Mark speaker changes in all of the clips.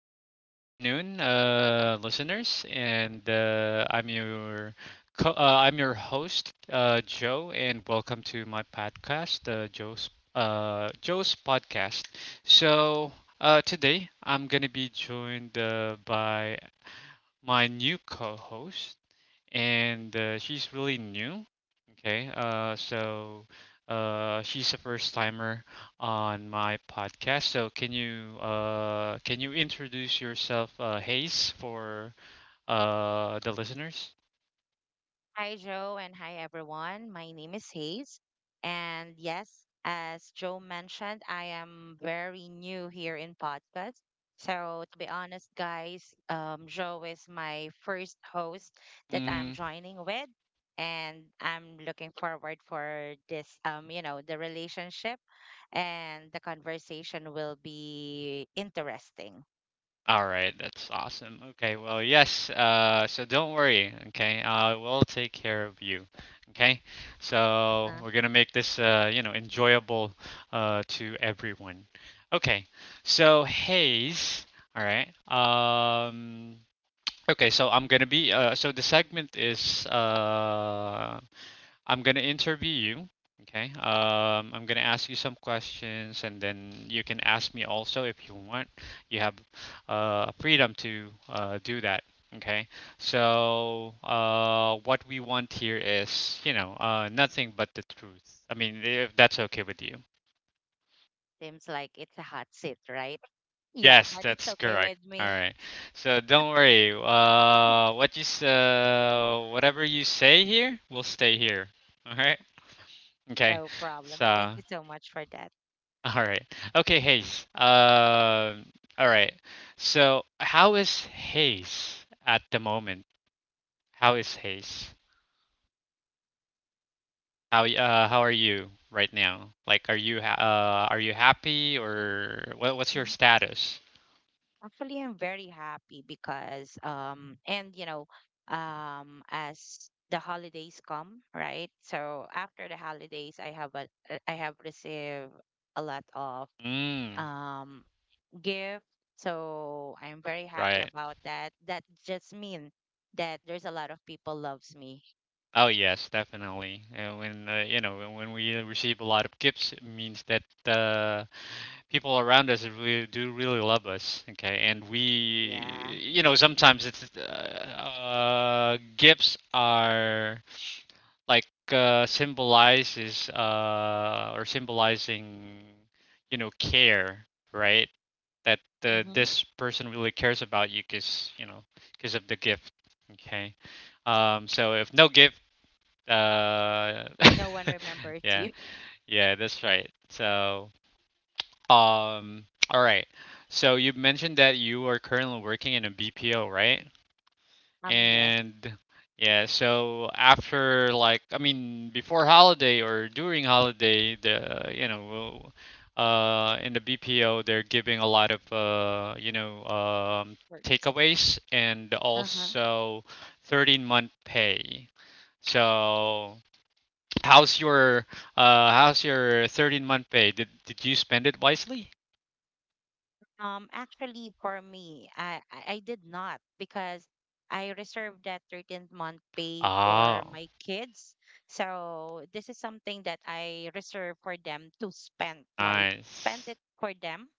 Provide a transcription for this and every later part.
Speaker 1: sorry, good afternoon, listeners. And I'm your I'm your host, Joe, and welcome to my podcast, Joe's podcast. So today I'm gonna be joined by my new co-host, and she's really new. Okay, she's a first timer on my podcast. So can you introduce yourself, Hayes, for the listeners?
Speaker 2: Hi, Joe, and hi, everyone. My name is Hayes. And yes, as Joe mentioned, I am very new here in podcast. So, to be honest, guys, Joe is my first host that I'm
Speaker 1: Mm,
Speaker 2: joining with. And I'm looking forward for this, the relationship and the conversation will be interesting.
Speaker 1: all right, that's awesome. Okay, well, yes. So don't worry. Okay, I will take care of you. Okay, so
Speaker 2: Uh-huh.
Speaker 1: we're gonna make this enjoyable to everyone. Okay, so Hayes. All right. Okay, so I'm gonna be so the segment is I'm gonna interview you. Okay, I'm gonna ask you some questions, and then you can ask me also if you want. You have freedom to do that. Okay, so what we want here is nothing but the truth. I mean, if that's okay with you.
Speaker 2: Seems like it's a hot seat, right? Yeah,
Speaker 1: Yes,
Speaker 2: but it's
Speaker 1: that's
Speaker 2: okay
Speaker 1: correct.
Speaker 2: with
Speaker 1: All
Speaker 2: me.
Speaker 1: right. So don't worry. Whatever you say here will stay here. All right. Okay.
Speaker 2: No problem.
Speaker 1: So
Speaker 2: But thank
Speaker 1: all
Speaker 2: you so much for that.
Speaker 1: right. Okay, Hayes. All right. So how is Hayes at the moment? How is Hayes? How are you right now? Like, are you are you happy or what's your
Speaker 2: Mm.
Speaker 1: status?
Speaker 2: Actually, I'm very happy because and as the holidays come, right? So after the holidays, I have received a lot of
Speaker 1: Mm.
Speaker 2: um gift. So I'm very happy
Speaker 1: Right.
Speaker 2: about that. That just mean that there's a lot of people loves me.
Speaker 1: Oh yes, definitely. And when you know when we receive a lot of gifts, it means that uh, people around us really do really love us. Okay, and
Speaker 2: Yeah.
Speaker 1: we sometimes it's gifts are like symbolizes or symbolizing, you know, care, right? That
Speaker 2: Mm-hmm.
Speaker 1: this person really cares about you, because because of the gift. Okay. So if no gift uh,
Speaker 2: No one remembers
Speaker 1: yeah,
Speaker 2: you.
Speaker 1: yeah, that's right. So, all right. So you mentioned that you are currently working in a BPO, right?
Speaker 2: Yes,
Speaker 1: And yeah, so after, like, I mean, before holiday or during holiday, in the BPO, they're giving a lot of,
Speaker 2: works.
Speaker 1: takeaways and
Speaker 2: Uh huh.
Speaker 1: also 13th month pay. So. How's your how's your 13th month pay? Did you spend it wisely?
Speaker 2: Actually, for me, I did not because I reserved that 13th month pay for
Speaker 1: Oh,
Speaker 2: my kids. So this is something that I reserve for them to spend twice, spend
Speaker 1: nice.
Speaker 2: it for them,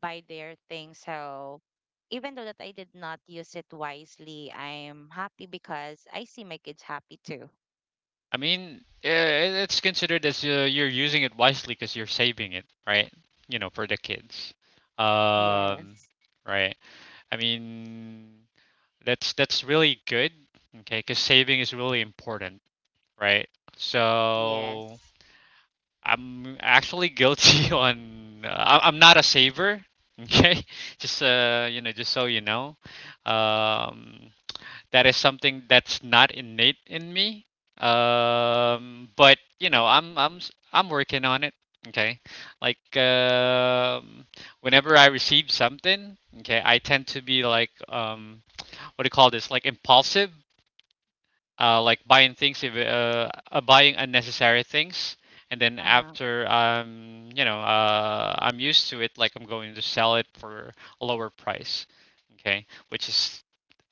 Speaker 2: buy their things. So even though that I did not use it wisely, I'm happy because I see my kids happy too.
Speaker 1: I mean, it's considered as you're using it wisely because you're saving it, right? You know, for the kids. Um,
Speaker 2: Yes.
Speaker 1: right. I mean, that's really good. Okay, because saving is really important, right? So
Speaker 2: Yes.
Speaker 1: I'm actually guilty on. I'm not a saver. Okay, just just so you know, um, that is something that's not innate in me. But you know, I'm working on it. Okay, like, whenever I receive something, okay, I tend to be like, what do you call this? Like impulsive, like buying things if buying unnecessary things, and then
Speaker 2: Uh-huh.
Speaker 1: after, um, I'm used to it, like I'm going to sell it for a lower price, okay, which is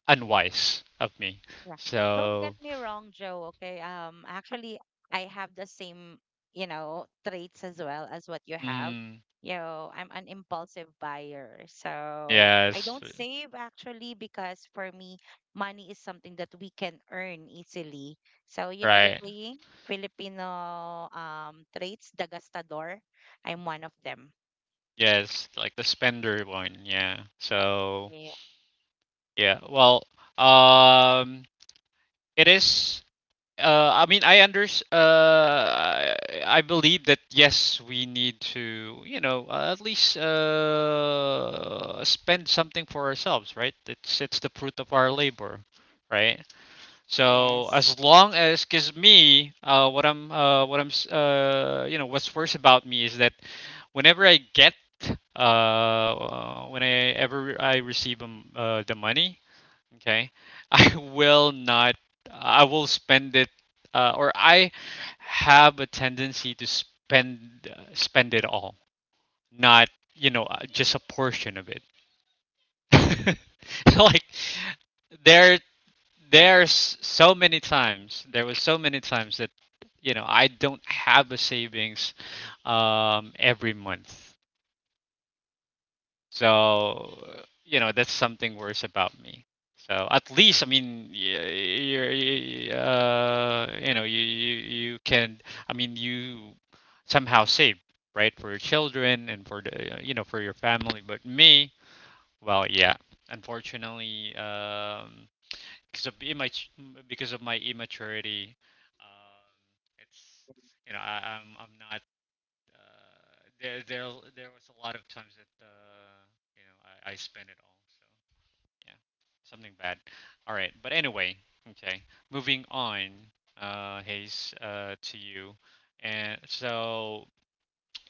Speaker 1: unwise of me.
Speaker 2: Yeah. Don't get
Speaker 1: So
Speaker 2: me wrong, Joe, okay? Actually, I have the same, traits as well as what you have.
Speaker 1: mm,
Speaker 2: I'm an impulsive buyer. So I
Speaker 1: yes,
Speaker 2: don't save actually because for me, money is something that we can earn easily. So, the
Speaker 1: right,
Speaker 2: saying, Filipino traits, the gastador, I'm one of them.
Speaker 1: yes, like the spender one, yeah. So
Speaker 2: Yeah.
Speaker 1: yeah, well, um, it is uh, I mean, I under, uh, I believe that, yes, we need to, you know, at least spend something for ourselves, right? It's the fruit of our labor, right? So
Speaker 2: Yes.
Speaker 1: as long as, cause me, you know, what's worse about me is that whenever I get, whenever I receive, the money, okay. I will not, I will spend it, or I have a tendency to spend spend it all, not, you know, just a portion of it. Like there there was so many times that, you know, I don't have a savings every month. So, you know, that's something worse about me. So at least, I mean, you know, you can, I mean, you somehow save, right, for your children and for the, you know, for your family. But me, well, yeah, unfortunately, because of immat- because of my immaturity, um, it's, you know, I'm not uh, there there there was a lot of times that, you know I spent it all. So yeah, something bad. All right, but anyway, okay. Moving on, Hayes, to you. And so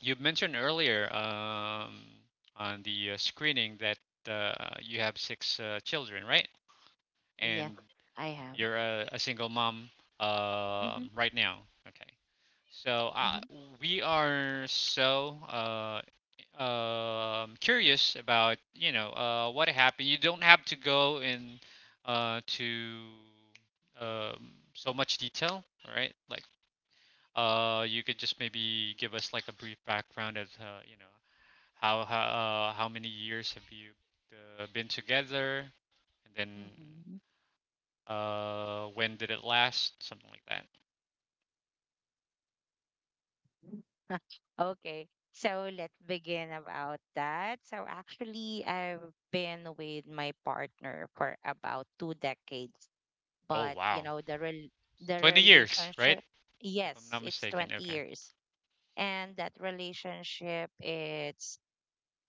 Speaker 1: you mentioned earlier, on the screening that you have six children, right?
Speaker 2: Yes,
Speaker 1: And
Speaker 2: I have.
Speaker 1: you're a single mom
Speaker 2: Mm-hmm.
Speaker 1: right now. Okay. So
Speaker 2: Mm-hmm.
Speaker 1: we are so um, curious about, you know, what happened. You don't have to go in to so much detail, right? Like you could just maybe give us like a brief background of, you know, how many years have you been together, and then
Speaker 2: Mm-hmm.
Speaker 1: when did it last? Something like that.
Speaker 2: Okay, so let's begin about that. So actually, I've been with my partner for about 2 decades,
Speaker 1: Oh
Speaker 2: but
Speaker 1: wow,
Speaker 2: the rel
Speaker 1: 20
Speaker 2: the
Speaker 1: years, right?
Speaker 2: relationship,
Speaker 1: If I'm
Speaker 2: yes,
Speaker 1: not
Speaker 2: it's
Speaker 1: mistaken.
Speaker 2: 20
Speaker 1: Okay.
Speaker 2: years. And that relationship, it's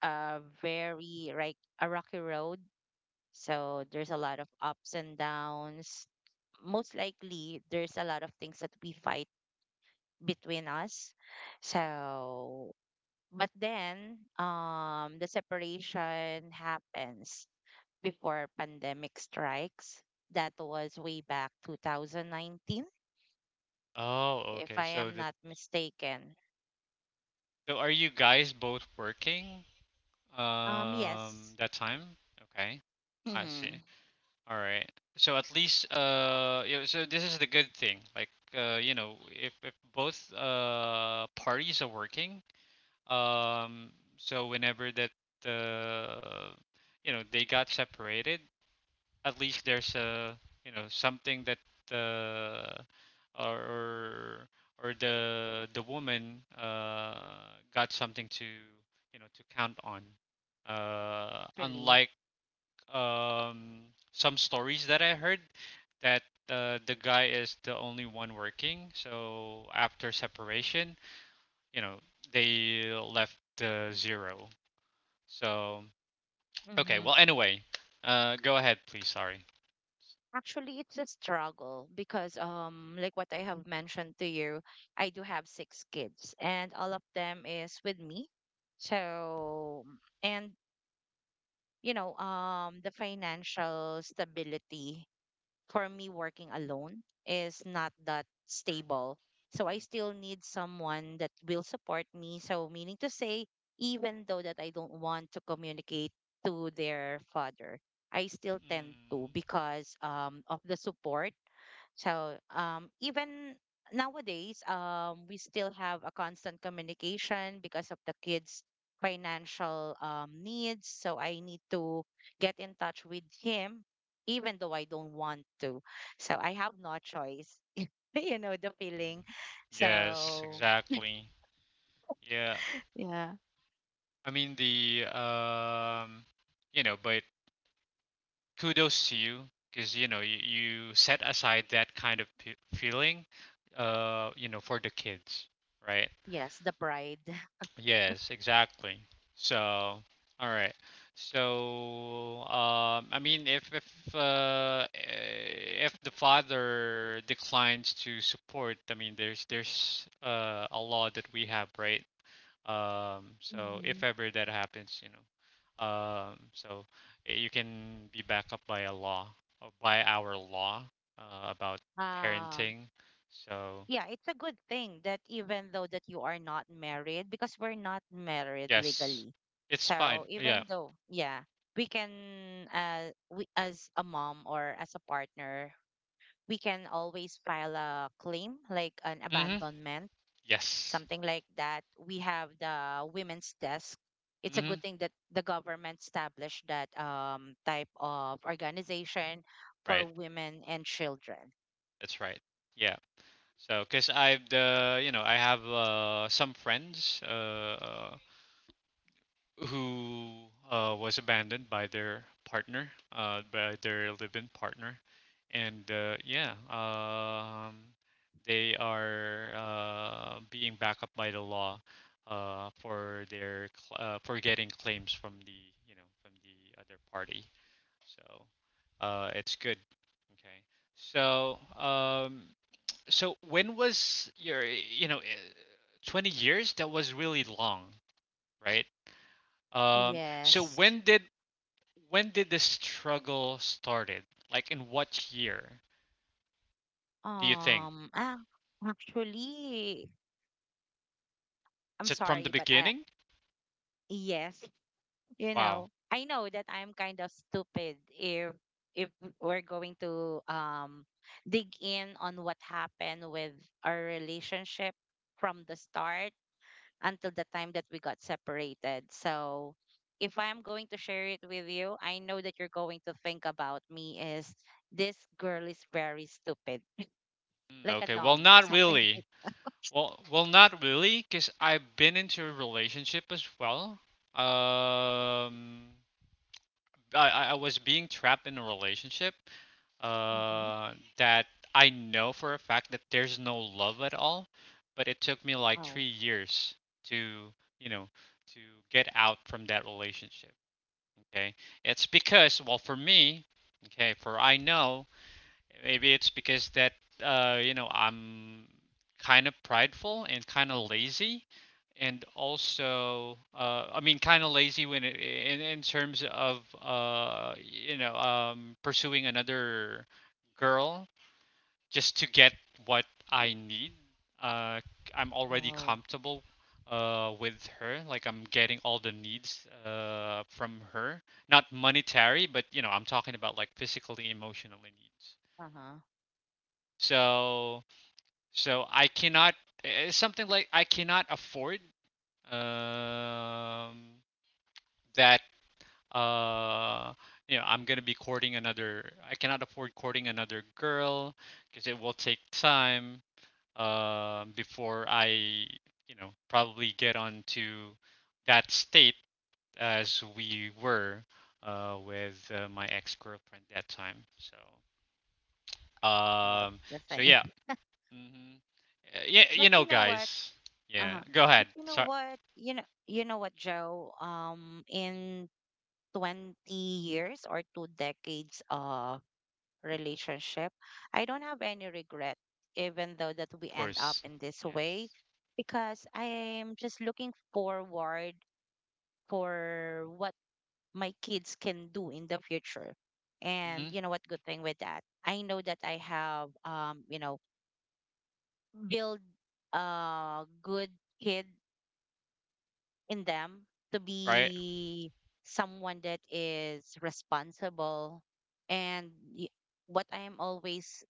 Speaker 2: a very like a rocky road. So there's a lot of ups and downs. Most likely, there's a lot of things that we fight between us. So but then the separation happens before pandemic strikes. That was way back 2019,
Speaker 1: Oh,
Speaker 2: if
Speaker 1: okay.
Speaker 2: I am not mistaken.
Speaker 1: So are you guys both working
Speaker 2: Um, yes.
Speaker 1: that time? Okay. I see.
Speaker 2: Mm-hmm.
Speaker 1: All right. So at least yeah, so this is the good thing. Like if both parties are working, um, so whenever that, uh they got separated, at least there's a, you know, something that, uh, or or or the woman, got something to, you know, to count on.
Speaker 2: Really.
Speaker 1: Unlike, um, some stories that I heard that, the guy is the only one working, so after separation, you know, they left, zero. So okay,
Speaker 2: Mm-hmm.
Speaker 1: well anyway, go ahead please. Sorry.
Speaker 2: Actually, it's a struggle because, like what I have mentioned to you, I do have six kids, and all of them is with me. So, and the financial stability for me working alone is not that stable. So I still need someone that will support me. So meaning to say, even though that I don't want to communicate to their father, I still tend to
Speaker 1: Mm.
Speaker 2: because of the support, so even nowadays, we still have a constant communication because of the kids' financial needs. So I need to get in touch with him, even though I don't want to. So I have no choice. You know the feeling.
Speaker 1: Mm, yes,
Speaker 2: So,
Speaker 1: exactly. Yeah.
Speaker 2: yeah.
Speaker 1: I mean the um, you know, but kudos to you because you know you, you set aside that kind of p feeling, you know, for the kids, right?
Speaker 2: Yes, the pride.
Speaker 1: Yes, exactly. So, all right. So, um, I mean if if the father declines to support, I mean there's a law that we have, right? So if
Speaker 2: Mm-hmm.
Speaker 1: ever that happens, you know, so you can be backed up by a law, or by our law about
Speaker 2: Um,
Speaker 1: parenting. So
Speaker 2: yeah, it's a good thing that even though that you are not married, because we're not married
Speaker 1: yes,
Speaker 2: legally.
Speaker 1: it's fine.
Speaker 2: So
Speaker 1: Yeah.
Speaker 2: even though, yeah, we can we as a mom or as a partner, we can always file a claim like an
Speaker 1: Mm-hmm.
Speaker 2: abandonment,
Speaker 1: Yes.
Speaker 2: something like that. We have the women's desk. It's a
Speaker 1: Mm-hmm.
Speaker 2: good thing that the government established that type of organization for
Speaker 1: Right.
Speaker 2: women and children.
Speaker 1: That's right. Yeah. So, cause I've the you know I have some friends who was abandoned by their partner, by their live-in partner, and yeah, they are being backed up by the law for getting claims from the, you know, from the other party. So it's good. Okay. So so when was your, you know, 20 years? That was really long, right? So
Speaker 2: Yes.
Speaker 1: when did the struggle started? Like in what year do you think?
Speaker 2: Um, ah, actually, I'm
Speaker 1: Is it from the
Speaker 2: sorry, but I
Speaker 1: beginning?
Speaker 2: yes,
Speaker 1: Wow.
Speaker 2: I know that I'm kind of stupid if we're going to dig in on what happened with our relationship from the start until the time that we got separated. So, if I'm going to share it with you, I know that you're going to think about me is this girl is very stupid,
Speaker 1: Mm,
Speaker 2: like a
Speaker 1: okay. Well,
Speaker 2: dumb,
Speaker 1: not
Speaker 2: something.
Speaker 1: really. Well, well, not really, because I've been into a relationship as well. Um, I was being trapped in a relationship,
Speaker 2: Hmm.
Speaker 1: that I know for a fact that there's no love at all, but it took me like
Speaker 2: Oh,
Speaker 1: 3 years to, you know, to get out from that relationship. Okay. It's because, well, for me, okay, for I know, maybe it's because that, you know, I'm kind of prideful and kind of lazy, and also, I mean kind of lazy when it, in terms of, you know, pursuing another girl just to get what I need. Uh, I'm already
Speaker 2: oh.
Speaker 1: comfortable with her. Like I'm getting all the needs from her, not monetary, but you know, I'm talking about like physically, emotionally needs.
Speaker 2: Uh-huh.
Speaker 1: So so I cannot, it's something like I cannot afford um that, uh I cannot afford courting another girl because it will take time before I, you know, probably get onto that state as we were, with my ex girlfriend that time. So
Speaker 2: That's
Speaker 1: um
Speaker 2: the
Speaker 1: so
Speaker 2: thing.
Speaker 1: yeah. Mhm. Yeah, you
Speaker 2: But you
Speaker 1: know,
Speaker 2: know what?
Speaker 1: guys. Yeah,
Speaker 2: Uh-huh.
Speaker 1: go ahead.
Speaker 2: But you
Speaker 1: So,
Speaker 2: know
Speaker 1: of
Speaker 2: what? You know what, Joe? In 20 years or 2 decades relationship, I don't have any regret even though that we end up
Speaker 1: course.
Speaker 2: in this way,
Speaker 1: Yes.
Speaker 2: because I am just looking forward for what my kids can do in the future. And
Speaker 1: Mhm.
Speaker 2: you know what good thing with that? I know that I have build a good kid in them to
Speaker 1: Right.
Speaker 2: be someone that is responsible, and y- what I am always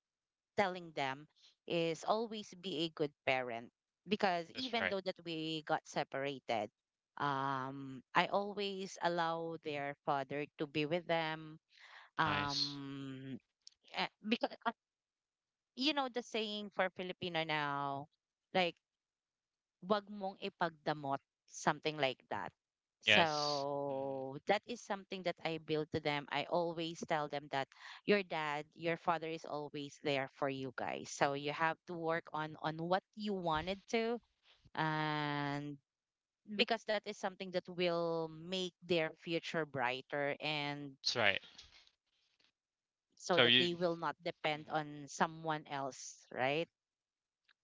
Speaker 2: telling them is always be a good parent, because
Speaker 1: That's
Speaker 2: even
Speaker 1: right.
Speaker 2: though that we got separated, I always allow their father to be with them,
Speaker 1: Nice.
Speaker 2: um because you know the saying for Filipino now, like wag mong ipagdamot, something like that.
Speaker 1: Yes. Mhm.
Speaker 2: So that is something that I build to them. I always tell them that your dad, your father is always there for you guys. So you have to work on what you wanted to, and because that is something that will make their future brighter and
Speaker 1: That's right.
Speaker 2: so
Speaker 1: So
Speaker 2: that
Speaker 1: you.
Speaker 2: they will not depend
Speaker 1: Mhm.
Speaker 2: on someone else, right?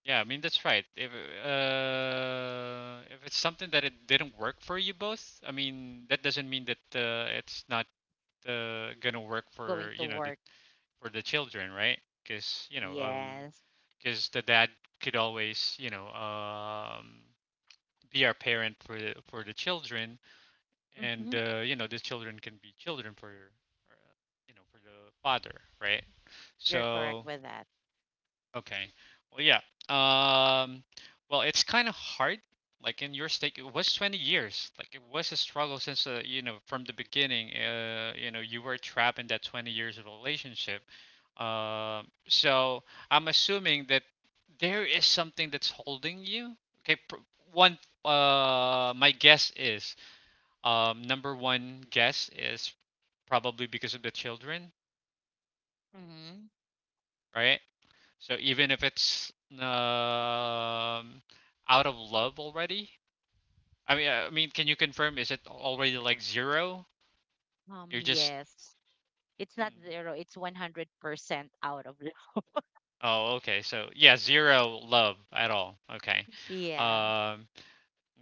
Speaker 1: Yeah, I mean that's right. If it's something that it didn't work for you both, I mean that doesn't mean that it's not gonna work
Speaker 2: Going
Speaker 1: for,
Speaker 2: to
Speaker 1: you know, the
Speaker 2: work.
Speaker 1: for the children, right? Because you know
Speaker 2: Yes.
Speaker 1: because the dad could always, you know, um, be our parent for the children, and,
Speaker 2: Hmm.
Speaker 1: you know, the children can be children for, you know, for the father, right?
Speaker 2: You're correct
Speaker 1: So
Speaker 2: with that.
Speaker 1: okay. Well, yeah. Um, well, it's kind of hard. Like in your stake, it was 20 years. Like it was a struggle since, you know, from the beginning. You know, you were trapped in that 20 years of relationship. So I'm assuming that there is something that's holding you. Okay. One. My guess is, number one guess is probably because of the children,
Speaker 2: Mhm.
Speaker 1: right? So even if it's out of love already, I mean, can you confirm? Is it already like zero?
Speaker 2: Um,
Speaker 1: You're just.
Speaker 2: yes. It's not zero,
Speaker 1: Mm.
Speaker 2: it's 100% out of love.
Speaker 1: Oh, okay. So yeah, zero love at all. Okay.
Speaker 2: Yeah.
Speaker 1: Um.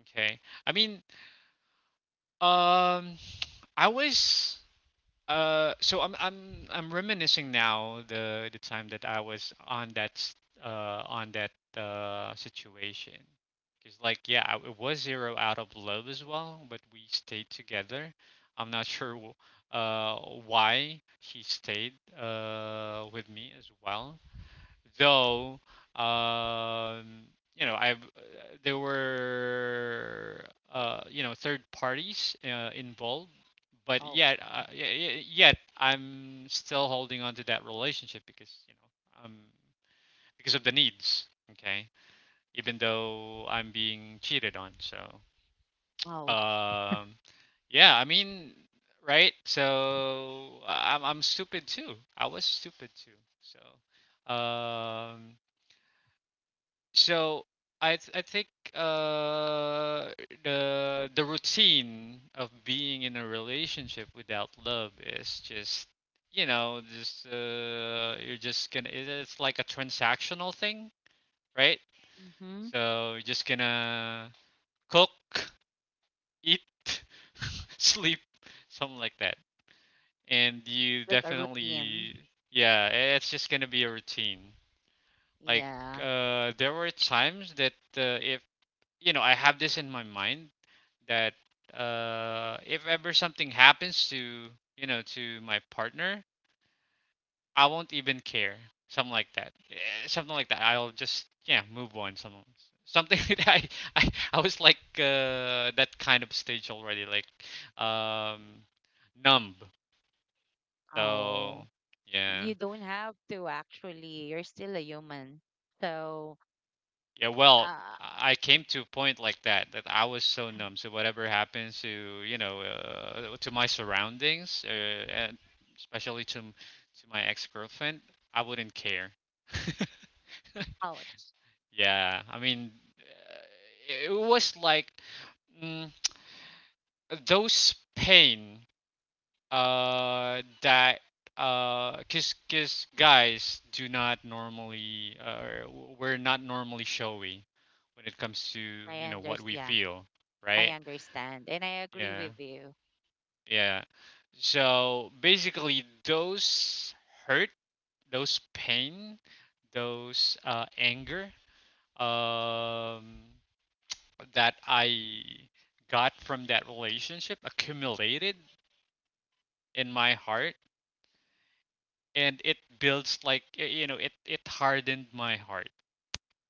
Speaker 1: Okay. I mean, um, I was So I'm reminiscing now the time that I was on uh on that situation. Because like yeah, it was zero out of love as well, but we stayed together. I'm not sure uh why she stayed with me as well though um you know I've there were you know third parties involved but
Speaker 2: Oh,
Speaker 1: yet yet I'm still holding on to that relationship because you know because of the needs. Okay. Even though I'm being cheated on. So
Speaker 2: ouch.
Speaker 1: um yeah, I mean, right, so I'm stupid too, I was stupid too. So um So I think uh the routine of being in a relationship without love is just you know just you're just gonna it's like a transactional thing, right?
Speaker 2: Mm-hmm.
Speaker 1: So you're just gonna cook, eat, sleep, something like that. And you
Speaker 2: Like a
Speaker 1: definitely
Speaker 2: routine.
Speaker 1: yeah, it's just gonna be a routine. Like
Speaker 2: Yeah.
Speaker 1: there were times that if you know, I have this in my mind that if ever something happens to you know to my partner, I won't even care. Something like that. Something like that. I'll just yeah move on. Something that I, I was like that kind of stage already, like um, numb. So
Speaker 2: Oh,
Speaker 1: yeah.
Speaker 2: you don't have to actually. You're still a human. So,
Speaker 1: Yeah, well,
Speaker 2: uh,
Speaker 1: I came to a point like that that I was so numb. So whatever happens to you know to my surroundings, and especially to to my ex girlfriend, I wouldn't care.
Speaker 2: ouch.
Speaker 1: Yeah, I mean, it was like mm, those pain that cause, 'cause guys do not normally or we're not normally showy when it comes to
Speaker 2: I
Speaker 1: you know
Speaker 2: under
Speaker 1: what we
Speaker 2: Yeah,
Speaker 1: feel,
Speaker 2: I
Speaker 1: right?
Speaker 2: understand. And I agree
Speaker 1: Yeah,
Speaker 2: with you.
Speaker 1: yeah. So basically those hurt, those pain, those anger um that I got from that relationship accumulated in my heart, and it builds, like, you know, it hardened my heart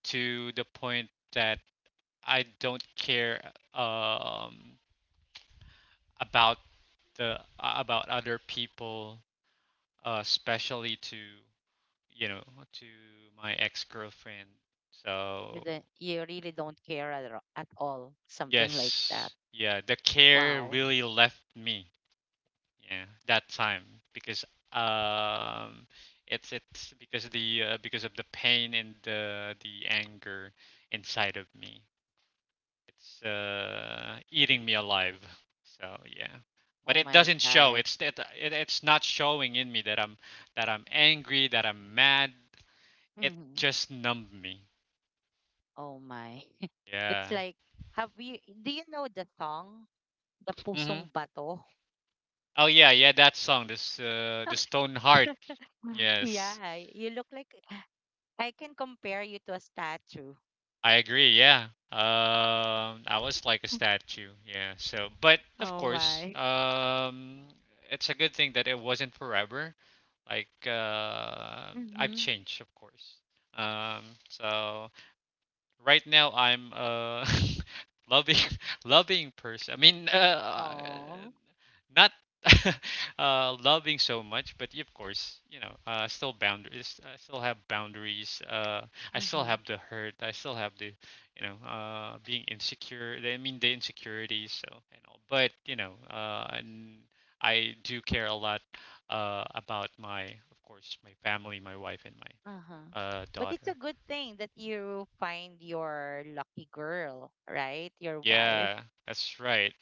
Speaker 1: to the point that I don't care um about the about other people especially to you know to my ex-girlfriend.
Speaker 2: You
Speaker 1: So
Speaker 2: don't, you really don't care at all. Something like that.
Speaker 1: yes, yeah, the care
Speaker 2: Wow.
Speaker 1: really left me. Yeah, that time because um, it's because of the pain and the anger inside of me. It's eating me alive. So yeah, but
Speaker 2: Oh
Speaker 1: it
Speaker 2: my
Speaker 1: doesn't show.
Speaker 2: God.
Speaker 1: It's not showing in me that I'm angry, that I'm mad. It
Speaker 2: Hmm.
Speaker 1: just numbed me.
Speaker 2: Oh my. It's
Speaker 1: Yeah.
Speaker 2: like, have you, do you know the song, The
Speaker 1: Mhm.
Speaker 2: Pusong Bato?
Speaker 1: Oh yeah, yeah. That song, this the Stone Heart. Yes.
Speaker 2: Yeah, you look like, I can compare you to a statue.
Speaker 1: I agree, yeah. I was like a statue, yeah. So, but of
Speaker 2: Oh
Speaker 1: course,
Speaker 2: my.
Speaker 1: it's a good thing that it wasn't forever. Like, I've
Speaker 2: Mm-hmm.
Speaker 1: changed, of course. Um, so right now I'm a loving, loving person. I mean,
Speaker 2: Oh.
Speaker 1: not loving so much, but of course, you know, still boundaries. I still have boundaries. I still
Speaker 2: Mm-hmm.
Speaker 1: have the hurt. I still have the, you know, being insecure. I mean, the insecurities. So and all. But you know, and I do care a lot about my, of course, my family, my wife, and
Speaker 2: Uh-huh.
Speaker 1: my
Speaker 2: But it's
Speaker 1: daughter.
Speaker 2: a good thing that you find your lucky girl, right? Your wife.
Speaker 1: Yeah, that's right.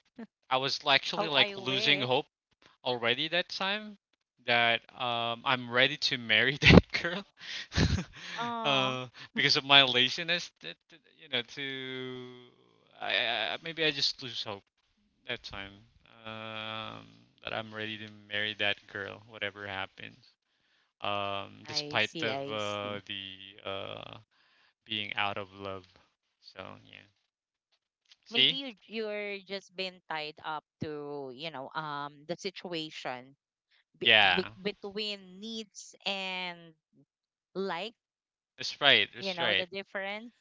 Speaker 1: I was actually
Speaker 2: How I
Speaker 1: like losing
Speaker 2: wish.
Speaker 1: hope already that time that I'm ready to marry that girl
Speaker 2: Oh,
Speaker 1: uh, because of my laziness. That, that, you know, to I maybe I just lose hope that time um, that I'm ready to marry that girl, whatever happens.
Speaker 2: I
Speaker 1: Despite
Speaker 2: see,
Speaker 1: of
Speaker 2: I see.
Speaker 1: the being out of love. So yeah,
Speaker 2: Maybe
Speaker 1: see,
Speaker 2: you're just been tied up to, the situation
Speaker 1: yeah,
Speaker 2: between needs and, like,
Speaker 1: that's right, that's
Speaker 2: the
Speaker 1: right.
Speaker 2: difference.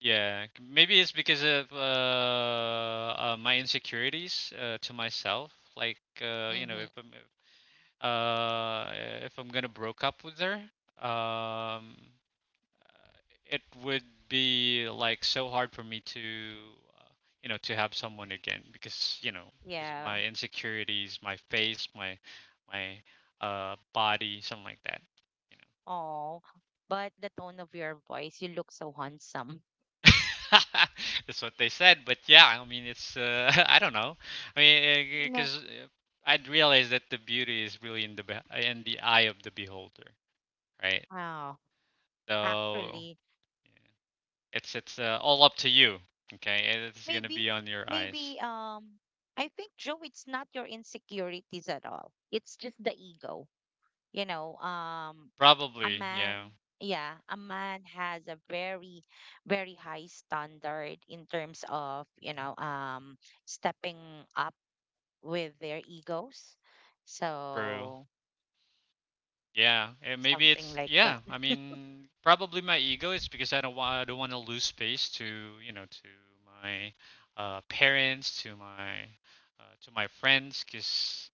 Speaker 1: Yeah, maybe it's because of my insecurities to myself. Like you know,
Speaker 2: Hmm.
Speaker 1: uh uh, if I'm gonna broke up with her, um, it would be like so hard for me to uh, you know to have someone again because you know because of
Speaker 2: Yeah.
Speaker 1: my insecurities, my face, my body, something like that.
Speaker 2: Oh, but the tone of your voice, you look so handsome.
Speaker 1: That's what they said, but yeah, I mean, it's I don't know. I mean,
Speaker 2: No.
Speaker 1: because I'd realize that the beauty is really in in the eye of the beholder, right?
Speaker 2: Wow.
Speaker 1: So
Speaker 2: Actually,
Speaker 1: yeah, it's all up to you. Okay, it's gonna
Speaker 2: maybe,
Speaker 1: be on your eyes,
Speaker 2: maybe, I think, Joe, it's not your insecurities at all. It's just the ego. you know um a
Speaker 1: probably.
Speaker 2: man
Speaker 1: Yeah,
Speaker 2: yeah a man has a very very high standard in terms of, stepping up with their egos,
Speaker 1: true.
Speaker 2: so
Speaker 1: Yeah, and maybe
Speaker 2: something
Speaker 1: it's
Speaker 2: like that.
Speaker 1: yeah. I mean, probably my ego is because I don't want to lose space to you know to my parents, to my friends, because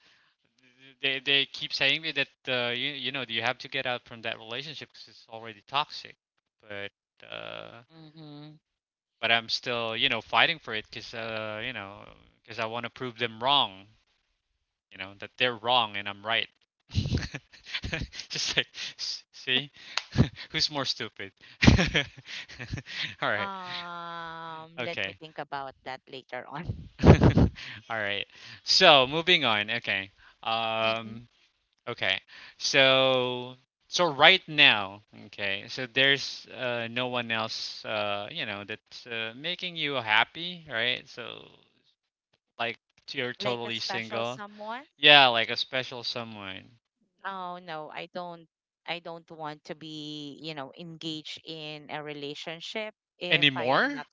Speaker 1: they keep saying me that you know you have to get out from that relationship because it's already toxic. But uh,
Speaker 2: hmm
Speaker 1: but I'm still you know fighting for it because you know because I want to prove them wrong, you know, that they're wrong and I'm right. Just like see who's more stupid. All right.
Speaker 2: Let me
Speaker 1: Okay.
Speaker 2: think about that later on.
Speaker 1: All right. So, moving on. Okay.
Speaker 2: hmm
Speaker 1: Um okay. So so right now, okay. So there's no one else you know that's making you happy, right? So like you're
Speaker 2: like a
Speaker 1: totally
Speaker 2: special
Speaker 1: single.
Speaker 2: someone.
Speaker 1: Yeah, like a special someone.
Speaker 2: Oh no, I don't want to be engaged in a relationship if I am
Speaker 1: Anymore?
Speaker 2: not.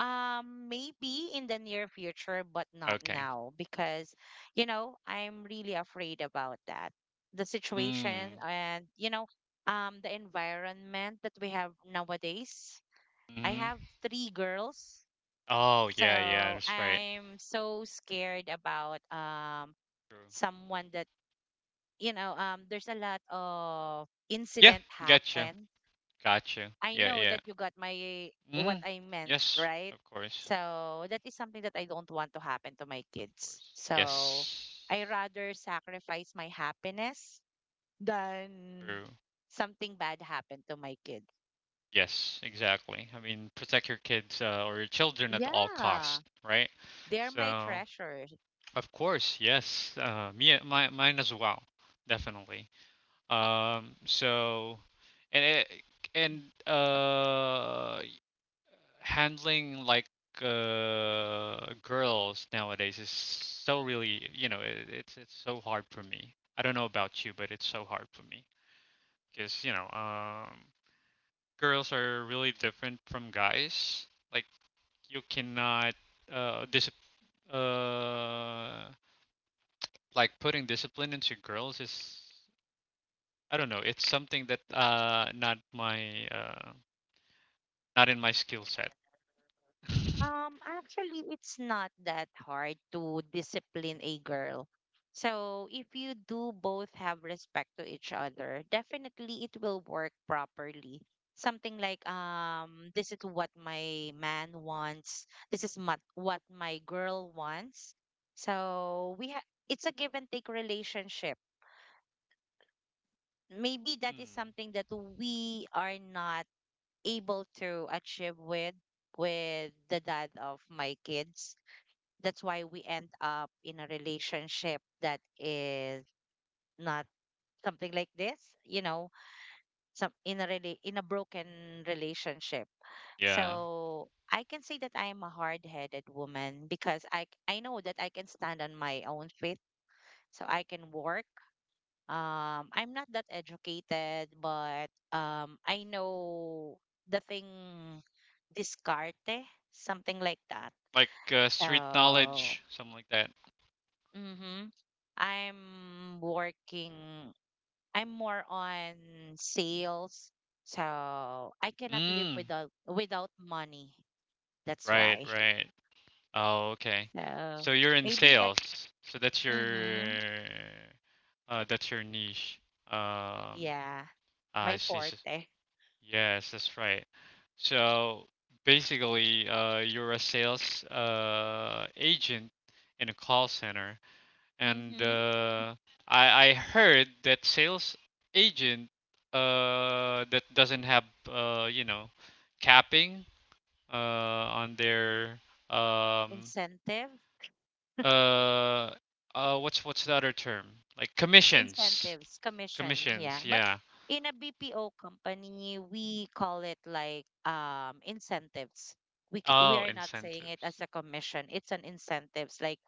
Speaker 2: Maybe in the near future, but not
Speaker 1: Okay.
Speaker 2: now, because, I'm really afraid about that. The situation,
Speaker 1: Mm.
Speaker 2: and, the environment that we have nowadays. I have
Speaker 1: Mhm.
Speaker 2: three girls,
Speaker 1: Oh, yeah, yeah,
Speaker 2: so
Speaker 1: that's right.
Speaker 2: I'm so scared about
Speaker 1: True.
Speaker 2: someone that, there's a lot of
Speaker 1: Yeah,
Speaker 2: incident
Speaker 1: gotcha.
Speaker 2: happen.
Speaker 1: Gotcha.
Speaker 2: I
Speaker 1: Yeah,
Speaker 2: know
Speaker 1: yeah.
Speaker 2: that you got my
Speaker 1: Hmm.
Speaker 2: what I meant,
Speaker 1: Yes,
Speaker 2: right?
Speaker 1: of course.
Speaker 2: So that is something that I don't want to happen to my
Speaker 1: Of
Speaker 2: kids.
Speaker 1: course.
Speaker 2: So I
Speaker 1: Yes.
Speaker 2: rather sacrifice my happiness than
Speaker 1: True.
Speaker 2: something bad happen to my kids.
Speaker 1: Yes, exactly. I mean, protect your kids or your children at all
Speaker 2: Yeah,
Speaker 1: cost, right?
Speaker 2: they're my
Speaker 1: So,
Speaker 2: treasures.
Speaker 1: of course, yes. Me, my, mine as well, definitely. So, and it, and handling like girls nowadays is so really, you know, it's so hard for me. I don't know about you, but it's so hard for me because you know, girls are really different from guys. Like you cannot dis uh, like putting discipline into girls is, I don't know, it's something that not my not in my skill set.
Speaker 2: Actually, it's not that hard to discipline a girl. So if you do both have respect to each other, definitely it will work properly. Something like, this is what my man wants. This is what my girl wants. So we have it's a give and take relationship. Maybe that is
Speaker 1: Hmm.
Speaker 2: something that we are not able to achieve with the dad of my kids, that's why we end up in a relationship that is not something like this, some in a really in a broken relationship.
Speaker 1: Yeah.
Speaker 2: So I can say that I am a hard-headed woman because I know that I can stand on my own feet, so I can work. I'm not that educated, but I know the thing, discarte, something like that.
Speaker 1: Like street
Speaker 2: So,
Speaker 1: knowledge, something like that.
Speaker 2: mm-hmm. I'm working, I'm more on sales, so I cannot live
Speaker 1: Mm,
Speaker 2: without money. That's
Speaker 1: right,
Speaker 2: why.
Speaker 1: right. Oh, okay.
Speaker 2: So
Speaker 1: So you're in
Speaker 2: maybe that.
Speaker 1: sales. So
Speaker 2: Mm-hmm.
Speaker 1: that's your niche. Um,
Speaker 2: Yeah.
Speaker 1: I
Speaker 2: My
Speaker 1: see.
Speaker 2: forte.
Speaker 1: Yes, that's right. So basically, you're a sales agent in a call center. And
Speaker 2: Mm-hmm.
Speaker 1: I heard that sales agent that doesn't have you know capping uh on their um
Speaker 2: Incentive.
Speaker 1: uh what's the other term, like commissions.
Speaker 2: Incentives, commission.
Speaker 1: Commissions,
Speaker 2: Yeah. But
Speaker 1: yeah.
Speaker 2: in a BPO company, we call it like incentives. We
Speaker 1: Oh,
Speaker 2: are not saying it as
Speaker 1: incentives.
Speaker 2: a commission. It's an incentives like,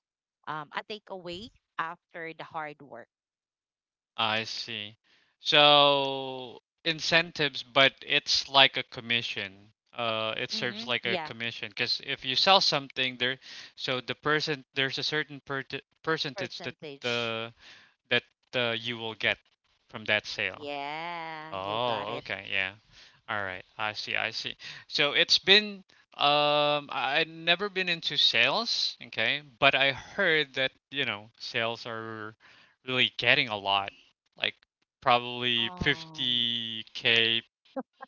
Speaker 2: a takeaway after the hard work.
Speaker 1: I see. So incentives, but it's like a commission. It serves
Speaker 2: Mm-hmm.
Speaker 1: like a
Speaker 2: Yeah,
Speaker 1: commission because if you sell something there, so the person there's a certain percentage that
Speaker 2: percentage.
Speaker 1: the that you will get from that sale.
Speaker 2: Yeah, you got
Speaker 1: Oh,
Speaker 2: it.
Speaker 1: okay, yeah. All right, I see, I see. So it's been I've never been into sales, okay, but I heard that, you know, sales are really getting a lot. Like probably
Speaker 2: Um,
Speaker 1: 50K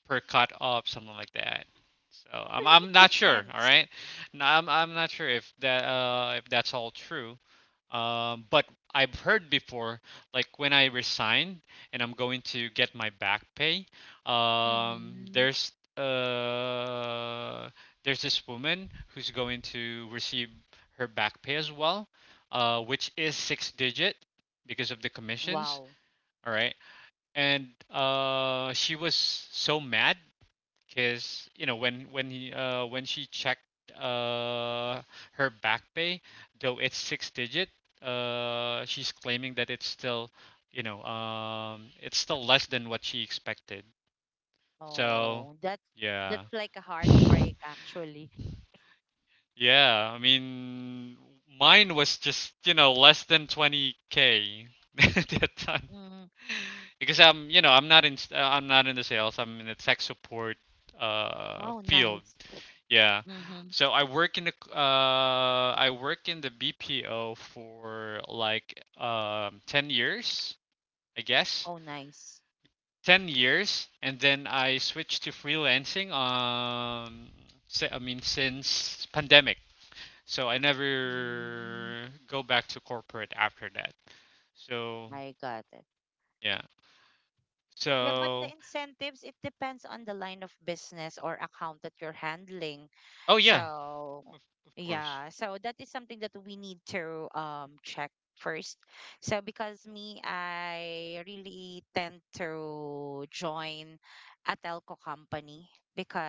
Speaker 1: per cut up, something like that. So
Speaker 2: Actually,
Speaker 1: I'm
Speaker 2: it
Speaker 1: not sure, all
Speaker 2: depends.
Speaker 1: right? No, I'm not sure if that if that's all true, but I've heard before, like when I resign and I'm going to get my back pay, um,
Speaker 2: Mm-hmm.
Speaker 1: there's uh, there's this woman who's going to receive her back pay as well, which is six digit because of the commissions.
Speaker 2: Wow.
Speaker 1: All right, and she was so mad because you know when he when she checked uh her back pay, though it's six digit, uh, she's claiming that it's still you know it's still less than what she expected. So
Speaker 2: Oh,
Speaker 1: yeah.
Speaker 2: that's like a heartbreak actually.
Speaker 1: Yeah, I mean, mine was just you know less than 20K at that time
Speaker 2: Mm.
Speaker 1: because I'm you know I'm not I'm not in the sales, I'm in the tech support
Speaker 2: Oh,
Speaker 1: field.
Speaker 2: nice.
Speaker 1: Yeah.
Speaker 2: Mm-hmm.
Speaker 1: So I work in I work in the BPO for like 10 years, I guess.
Speaker 2: Oh, nice.
Speaker 1: 10 years and then I switched to freelancing I mean since pandemic. So I
Speaker 2: Mm.
Speaker 1: never go back to corporate after that. So,
Speaker 2: I got it.
Speaker 1: yeah.
Speaker 2: Yeah, but the
Speaker 1: So,
Speaker 2: incentives, it depends on the line of business or account that you're handling.
Speaker 1: oh yeah,
Speaker 2: So,
Speaker 1: of course.
Speaker 2: yeah, so that is something that we need to check first. So because me, I really tend to join a telco company,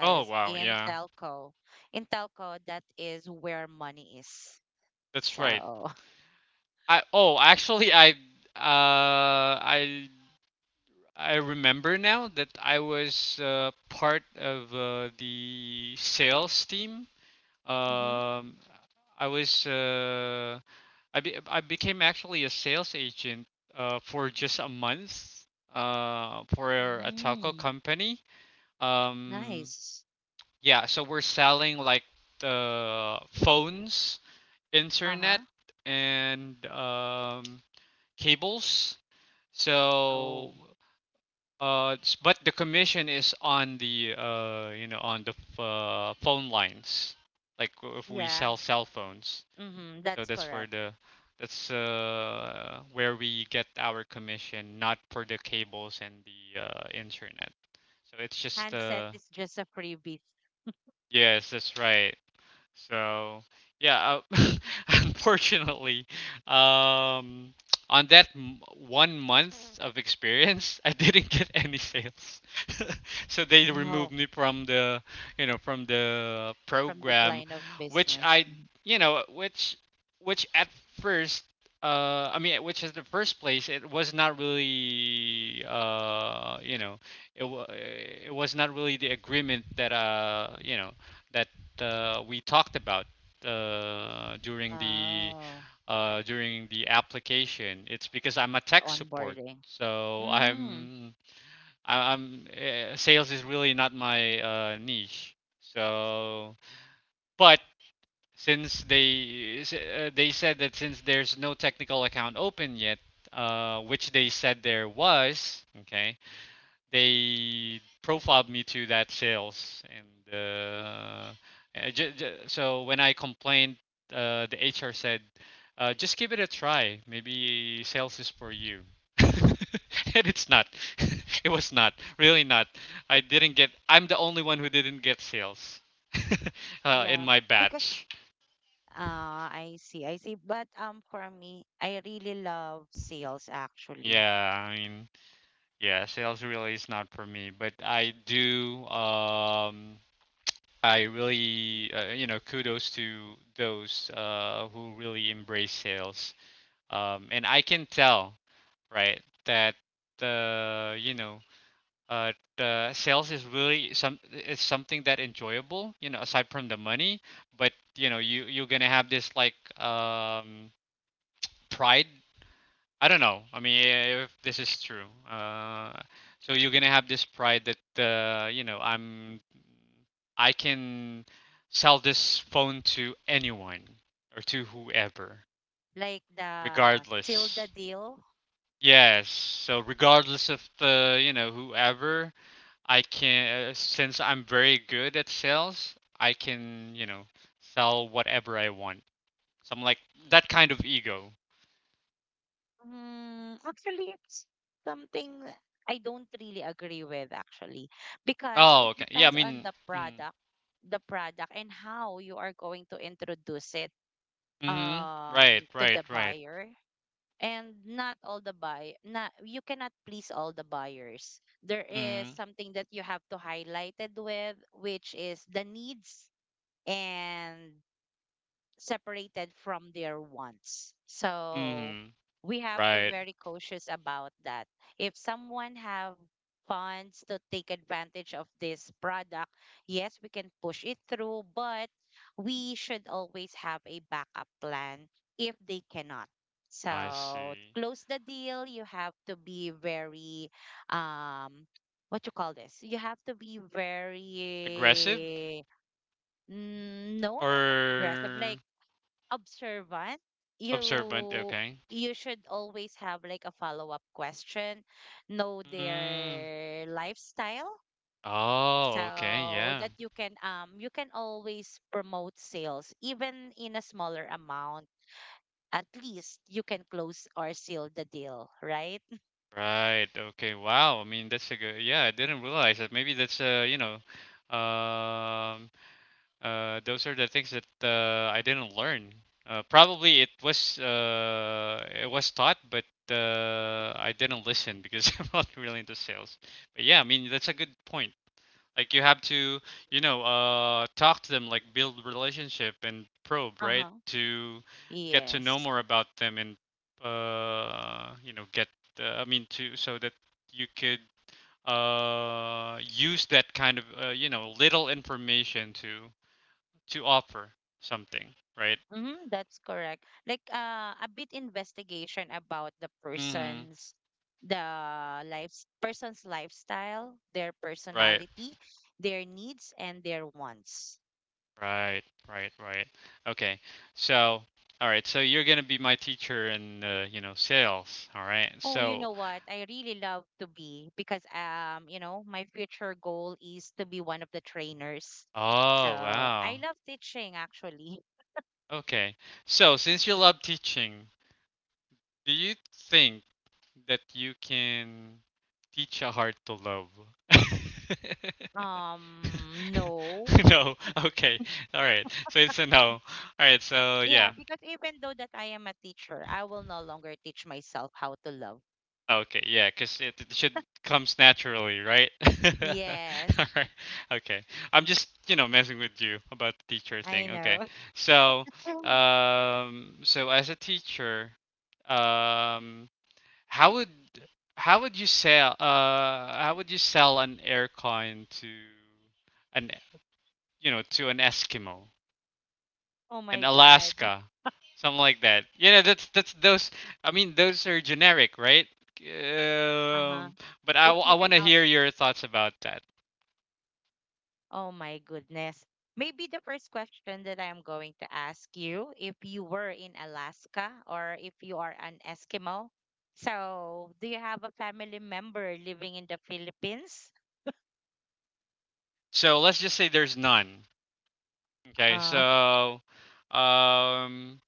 Speaker 1: Oh wow, yeah.
Speaker 2: in telco, that is where money is.
Speaker 1: That's right.
Speaker 2: So,
Speaker 1: I Oh, actually uh I I remember now that I was part of the sales team.
Speaker 2: mm-hmm.
Speaker 1: Um, I was I became actually a sales agent for just a month for a taco
Speaker 2: Mm,
Speaker 1: company. Um,
Speaker 2: nice.
Speaker 1: yeah, so we're selling like the phones, internet,
Speaker 2: Uh-huh.
Speaker 1: and cables. So
Speaker 2: Oh,
Speaker 1: uh, it's- but the commission is on the you know, on phone lines. Like if we
Speaker 2: yeah.
Speaker 1: sell cell phones,
Speaker 2: Mm-hmm,
Speaker 1: so
Speaker 2: that's
Speaker 1: that's for
Speaker 2: correct.
Speaker 1: the that's where we get our commission, not for the cables and the internet. So it's just
Speaker 2: Handset is just a freebie.
Speaker 1: yes, that's right. So yeah, uh, unfortunately, um, on that 1 month of experience, I didn't get any sales. So they removed
Speaker 2: No,
Speaker 1: me from the
Speaker 2: from the
Speaker 1: program,
Speaker 2: line of
Speaker 1: which
Speaker 2: business.
Speaker 1: I,
Speaker 2: Mm.
Speaker 1: you know, which at first. I mean, which is the first place? It was not really, it was not really the agreement that, that we talked about uh, during the
Speaker 2: Oh,
Speaker 1: during the application. It's because I'm a tech support,
Speaker 2: onboarding.
Speaker 1: so
Speaker 2: Mm,
Speaker 1: I'm I- I'm sales is really not my niche. So, but since they said that since there's no technical account open yet, which they said there was. Okay, they profiled me to that sales and so when I complained, the HR said, "Just give it a try. Maybe sales is for you." And it's not. It was not. Really not. I didn't get. I'm the only one who didn't get sales, in
Speaker 2: yeah,
Speaker 1: my
Speaker 2: because
Speaker 1: batch.
Speaker 2: I see, I see. But for me, I really love sales actually.
Speaker 1: Yeah, I mean, yeah, sales really is not for me. But I do. I really, kudos to those who really embrace sales. And I can tell, right, that uh, you know, uh, the sales is really some it's something that enjoyable, you know, aside from the money. But you know, you you're gonna have this like um, pride, I don't know. I mean, if this is true. So you're gonna have this pride that uh, you know I'm, I can sell this phone to anyone or to whoever,
Speaker 2: Like the seal the
Speaker 1: regardless.
Speaker 2: deal.
Speaker 1: Yes. So regardless of the, you know, whoever, I can since I'm very good at sales, I can, you know, sell whatever I want. So I'm like that kind of ego.
Speaker 2: Mm, actually, it's something I don't really agree with actually, because
Speaker 1: Oh,
Speaker 2: it
Speaker 1: okay. Yeah. I
Speaker 2: depends on
Speaker 1: mean. Mhm.
Speaker 2: the product and how you are going to introduce it
Speaker 1: Hmm. Right,
Speaker 2: to
Speaker 1: right,
Speaker 2: the
Speaker 1: right.
Speaker 2: buyer. And not not you cannot please all the buyers. There is
Speaker 1: Hmm.
Speaker 2: something that you have to highlight it with, which is the needs and separated from their wants. So
Speaker 1: Hmm.
Speaker 2: we have to
Speaker 1: Right.
Speaker 2: very cautious about that. If someone have funds to take advantage of this product, yes, we can push it through, but we should always have a backup plan if they cannot.
Speaker 1: I
Speaker 2: So
Speaker 1: see.
Speaker 2: close the deal, you have to be very um what you call this? You have to be
Speaker 1: Aggressive,
Speaker 2: very no, not aggressive.
Speaker 1: or
Speaker 2: Like observant,
Speaker 1: observant?
Speaker 2: you
Speaker 1: Okay.
Speaker 2: you should always have like a follow-up question, know
Speaker 1: Mm.
Speaker 2: their lifestyle
Speaker 1: Oh, okay.
Speaker 2: so
Speaker 1: Yeah.
Speaker 2: that you can always promote sales even in a smaller amount. At least you can close or seal the deal, right?
Speaker 1: Right. Okay. Wow. I mean, that's a good. Yeah, I didn't realize that. Maybe that's um, those are the things that I didn't learn. Probably it was taught, but I didn't listen because I'm not really into sales. But yeah, I mean that's a good point. Like you have to, you know, talk to them, like build relationship and probe, right?
Speaker 2: Uh-huh.
Speaker 1: To get to know
Speaker 2: Yes.
Speaker 1: more about them and you know, get I mean to so that you could use that kind of, little information to offer something, right?
Speaker 2: Mm-hmm, that's correct. Like a bit investigation about the
Speaker 1: Mm-hmm.
Speaker 2: person's the life's person's lifestyle, their
Speaker 1: Right,
Speaker 2: personality, their needs and their wants.
Speaker 1: right, right, right. Okay. So, all right. So you're gonna be my teacher in, sales. All right.
Speaker 2: Oh, you
Speaker 1: So,
Speaker 2: know what? I really love to be because you know, my future goal is to be one of the trainers.
Speaker 1: oh
Speaker 2: So, I
Speaker 1: wow.
Speaker 2: love teaching actually.
Speaker 1: Okay. So since you love teaching, do you think that you can teach a heart to love?
Speaker 2: No.
Speaker 1: No. Okay. All right. So it's a no. All right. So
Speaker 2: Yeah,
Speaker 1: yeah.
Speaker 2: because even though that I am a teacher, I will no longer teach myself how to love.
Speaker 1: Okay, yeah, 'cause it should comes naturally, right?
Speaker 2: Yes,
Speaker 1: All right. Okay. I'm just, you know, messing with you about the teacher
Speaker 2: I
Speaker 1: thing. Okay.
Speaker 2: know.
Speaker 1: So, so as a teacher, um, how would how would you sell an aircon to an, you know, to an Eskimo?
Speaker 2: Oh
Speaker 1: And
Speaker 2: my God.
Speaker 1: Alaska, something like that. You know, that's those. I mean, those are generic, right?
Speaker 2: Uh-huh.
Speaker 1: Um, but
Speaker 2: It's
Speaker 1: I
Speaker 2: like
Speaker 1: want
Speaker 2: an
Speaker 1: to
Speaker 2: out.
Speaker 1: hear your thoughts about that.
Speaker 2: Oh my goodness. Maybe the first question that I am going to ask you, if you were in Alaska or if you are an Eskimo, so do you have a family member living in the Philippines?
Speaker 1: So let's just say there's none. Okay,
Speaker 2: Uh,
Speaker 1: so um,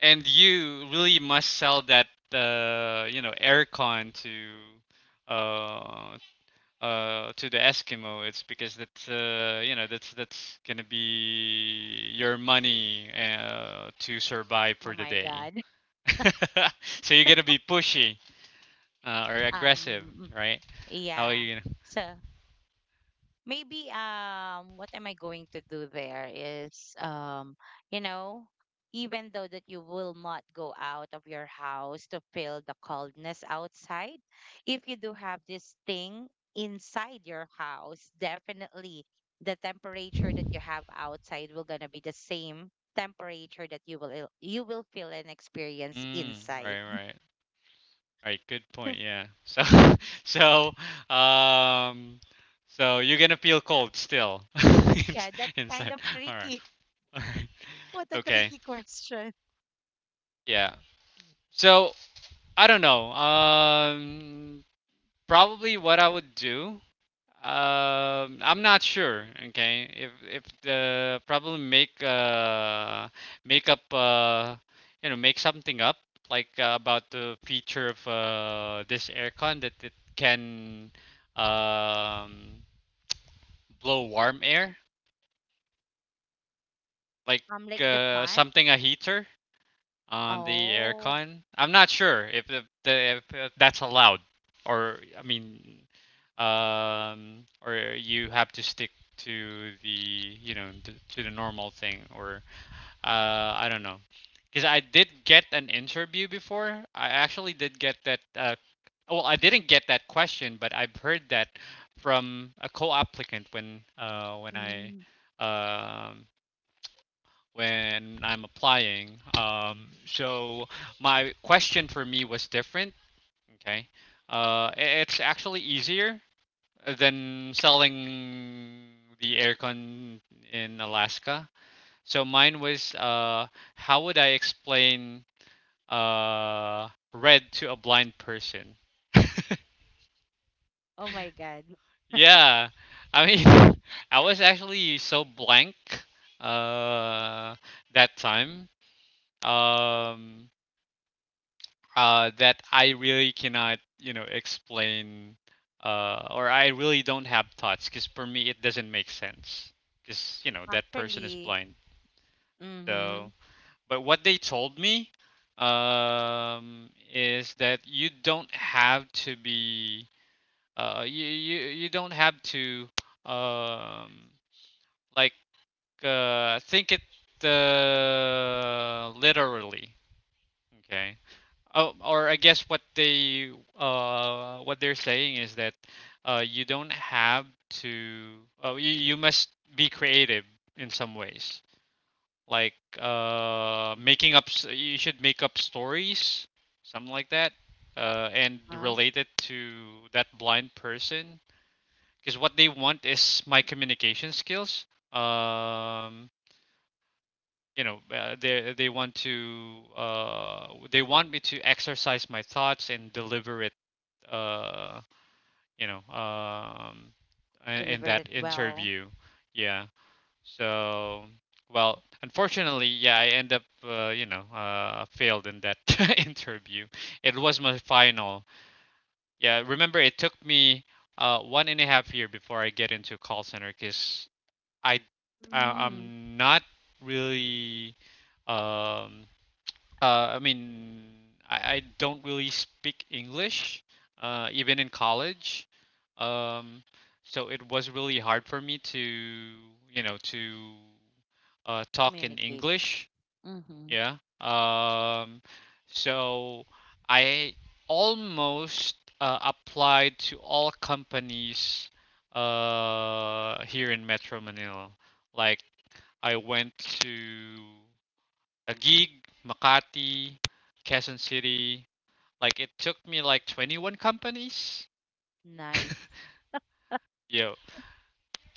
Speaker 1: and you really must sell that aircon uh to the Eskimo. It's because that's, you know, that's gonna be your money to survive
Speaker 2: oh
Speaker 1: for the
Speaker 2: my
Speaker 1: day.
Speaker 2: God.
Speaker 1: So you're gonna be pushy or aggressive,
Speaker 2: Um,
Speaker 1: right? How are
Speaker 2: yeah.
Speaker 1: you gonna?
Speaker 2: So maybe what am I going to do there is you know, even though that you will not go out of your house to feel the coldness outside, if you do have this thing inside your house, definitely the temperature that you have outside will going to be the same temperature that you will feel and experience
Speaker 1: Mm,
Speaker 2: inside.
Speaker 1: right, right, right. Good point. Yeah. So, so, so you're gonna feel cold still
Speaker 2: Yeah, that's kind
Speaker 1: inside.
Speaker 2: of
Speaker 1: All right.
Speaker 2: tricky.
Speaker 1: All right.
Speaker 2: What a
Speaker 1: Okay.
Speaker 2: tricky question.
Speaker 1: Yeah. So I don't know. Probably what I would do. I'm not sure. Okay, if the probably make up, make something up like, about the feature of this aircon that it can um blow warm air like
Speaker 2: Like the fun.
Speaker 1: something a heater on the
Speaker 2: Oh.
Speaker 1: aircon. I'm not sure if the, the if that's allowed, or I mean, or you have to stick to the, you know to the normal thing, or I don't know, because I did get an interview before. I actually did get that. Well, I didn't get that question, but I've heard that from a co-applicant when I
Speaker 2: Mm.
Speaker 1: um, when I'm applying. So my question for me was different. Okay, uh, it's actually easier than selling the aircon in Alaska. So mine was, how would I explain, red to a blind person?
Speaker 2: Oh my God.
Speaker 1: Yeah, I mean, I was actually so blank uh, that time. Um, that I really cannot, you know, explain, or I really don't have thoughts because for me it doesn't make sense because you know that person is
Speaker 2: Actually,
Speaker 1: blind.
Speaker 2: mm-hmm.
Speaker 1: So, but what they told me, is that you don't have to be, you don't have to, um, like, think it, literally. Okay. Oh, or I guess what they're saying is that you don't have to you, you must be creative in some ways. Like, making up you should make up stories, something like that. And
Speaker 2: Huh?
Speaker 1: relate it to that blind person, because what they want is my communication skills. Um you know, they want to they want me to exercise my thoughts and deliver it, uh you know um in
Speaker 2: Delivered
Speaker 1: that
Speaker 2: it well.
Speaker 1: interview. Yeah, so well, unfortunately, yeah, I end up, failed in that interview. It was my final. Yeah, remember, it took me one and a half year before I get into call center, because I, I
Speaker 2: Mm-hmm.
Speaker 1: I'm not really um I mean, I don't really speak English, even in college. Um, so it was really hard for me to, you know, to talk in
Speaker 2: Communicate.
Speaker 1: English.
Speaker 2: Mm-hmm.
Speaker 1: Yeah. So I almost applied to all companies here in Metro Manila. Like I went to Taguig, Makati, Quezon City. Like it took me like 21 companies.
Speaker 2: Nice.
Speaker 1: Yo,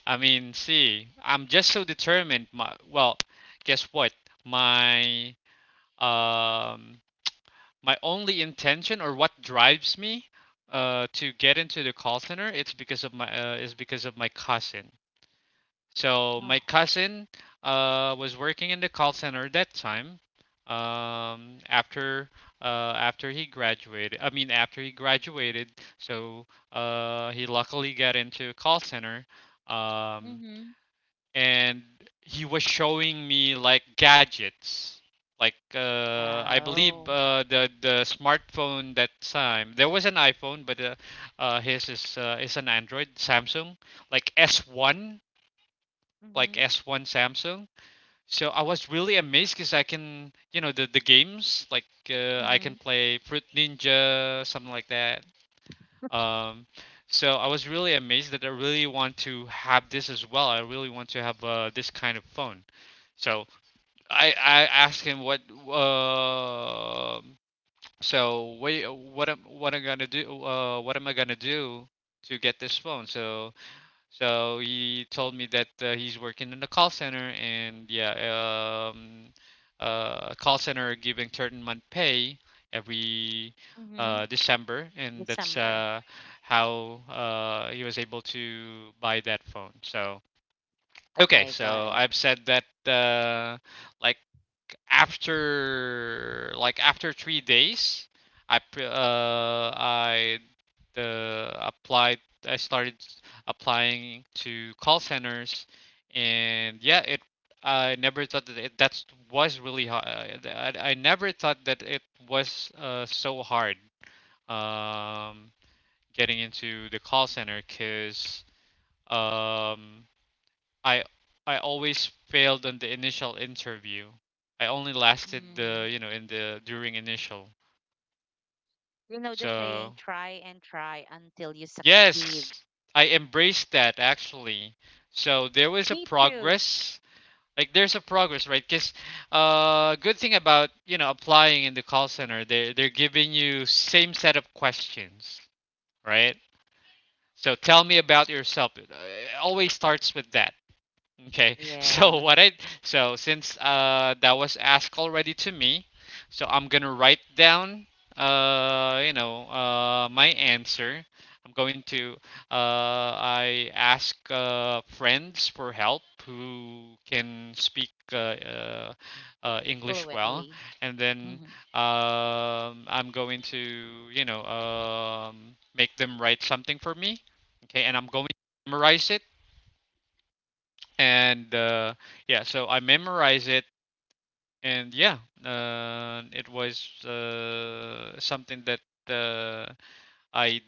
Speaker 1: I mean, see, I'm just so determined. My, well, guess what? My um my only intention or what drives me to get into the call center it's because of my is because of my cousin. So my
Speaker 2: Oh.
Speaker 1: cousin was working in the call center at that time. Um, after uh, After he graduated, I mean after he graduated, so he luckily got into a call center, um,
Speaker 2: Mm-hmm.
Speaker 1: and he was showing me like gadgets. Like, I believe,
Speaker 2: Oh.
Speaker 1: the smartphone that time there was an iPhone, but, his is an Android Samsung, like S1, like
Speaker 2: Mm-hmm.
Speaker 1: S1 Samsung. So I was really amazed because I can, you know, the games like, I
Speaker 2: Mm-hmm.
Speaker 1: can play Fruit Ninja, something like that. Um, so I was really amazed that I really want to have this as well. I really want to have, this kind of phone. So I asked him what, uh, so what am what I'm gonna do, what am I gonna do to get this phone? So so he told me that, he's working in a call center, and yeah, a call center giving certain month pay every
Speaker 2: Mm-hmm.
Speaker 1: December, and that's
Speaker 2: December.
Speaker 1: how he was able to buy that phone. So okay,
Speaker 2: I got
Speaker 1: so
Speaker 2: it.
Speaker 1: I've said that, uh, like like after 3 days, I the applied I started applying to call centers, and yeah, it I never thought that it that was really hard. I never thought that it was, so hard um, getting into the call center, because um, I I always failed on the initial interview. I only lasted
Speaker 2: Mm.
Speaker 1: the, you know, in the during initial.
Speaker 2: You know the saying,
Speaker 1: So
Speaker 2: try and try until you succeed.
Speaker 1: yes, I embraced that actually. So there was a
Speaker 2: Me too.
Speaker 1: progress. Like there's a progress, right? Because, good thing about, you know, applying in the call center, they they're giving you same set of questions, right? So tell me about yourself. It, always starts with that. Okay. So what
Speaker 2: Yes.
Speaker 1: I so since that was asked already to me, so I'm gonna write down, my answer. I'm going to uh I ask friends for help who can speak, uh, English well,
Speaker 2: Fluently.
Speaker 1: and then
Speaker 2: Mm-hmm.
Speaker 1: I'm going to, you know, make them write something for me. Okay, and I'm going to memorize it and yeah, so I memorized it and yeah, it was something that, uh, I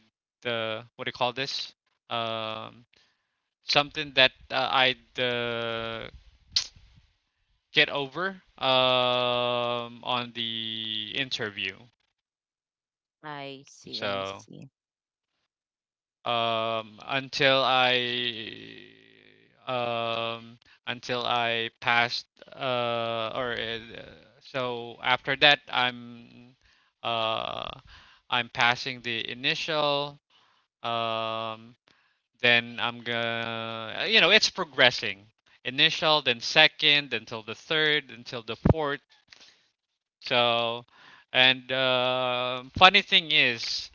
Speaker 1: what do you call this? um, Something that, I'd get over, on the interview.
Speaker 2: I see. I
Speaker 1: So,
Speaker 2: see.
Speaker 1: um until I um until I passed, or so after that I'm, uh I'm passing the initial. um then I'm gonna, it's progressing, initial then second until the third until the fourth. So, and funny thing is,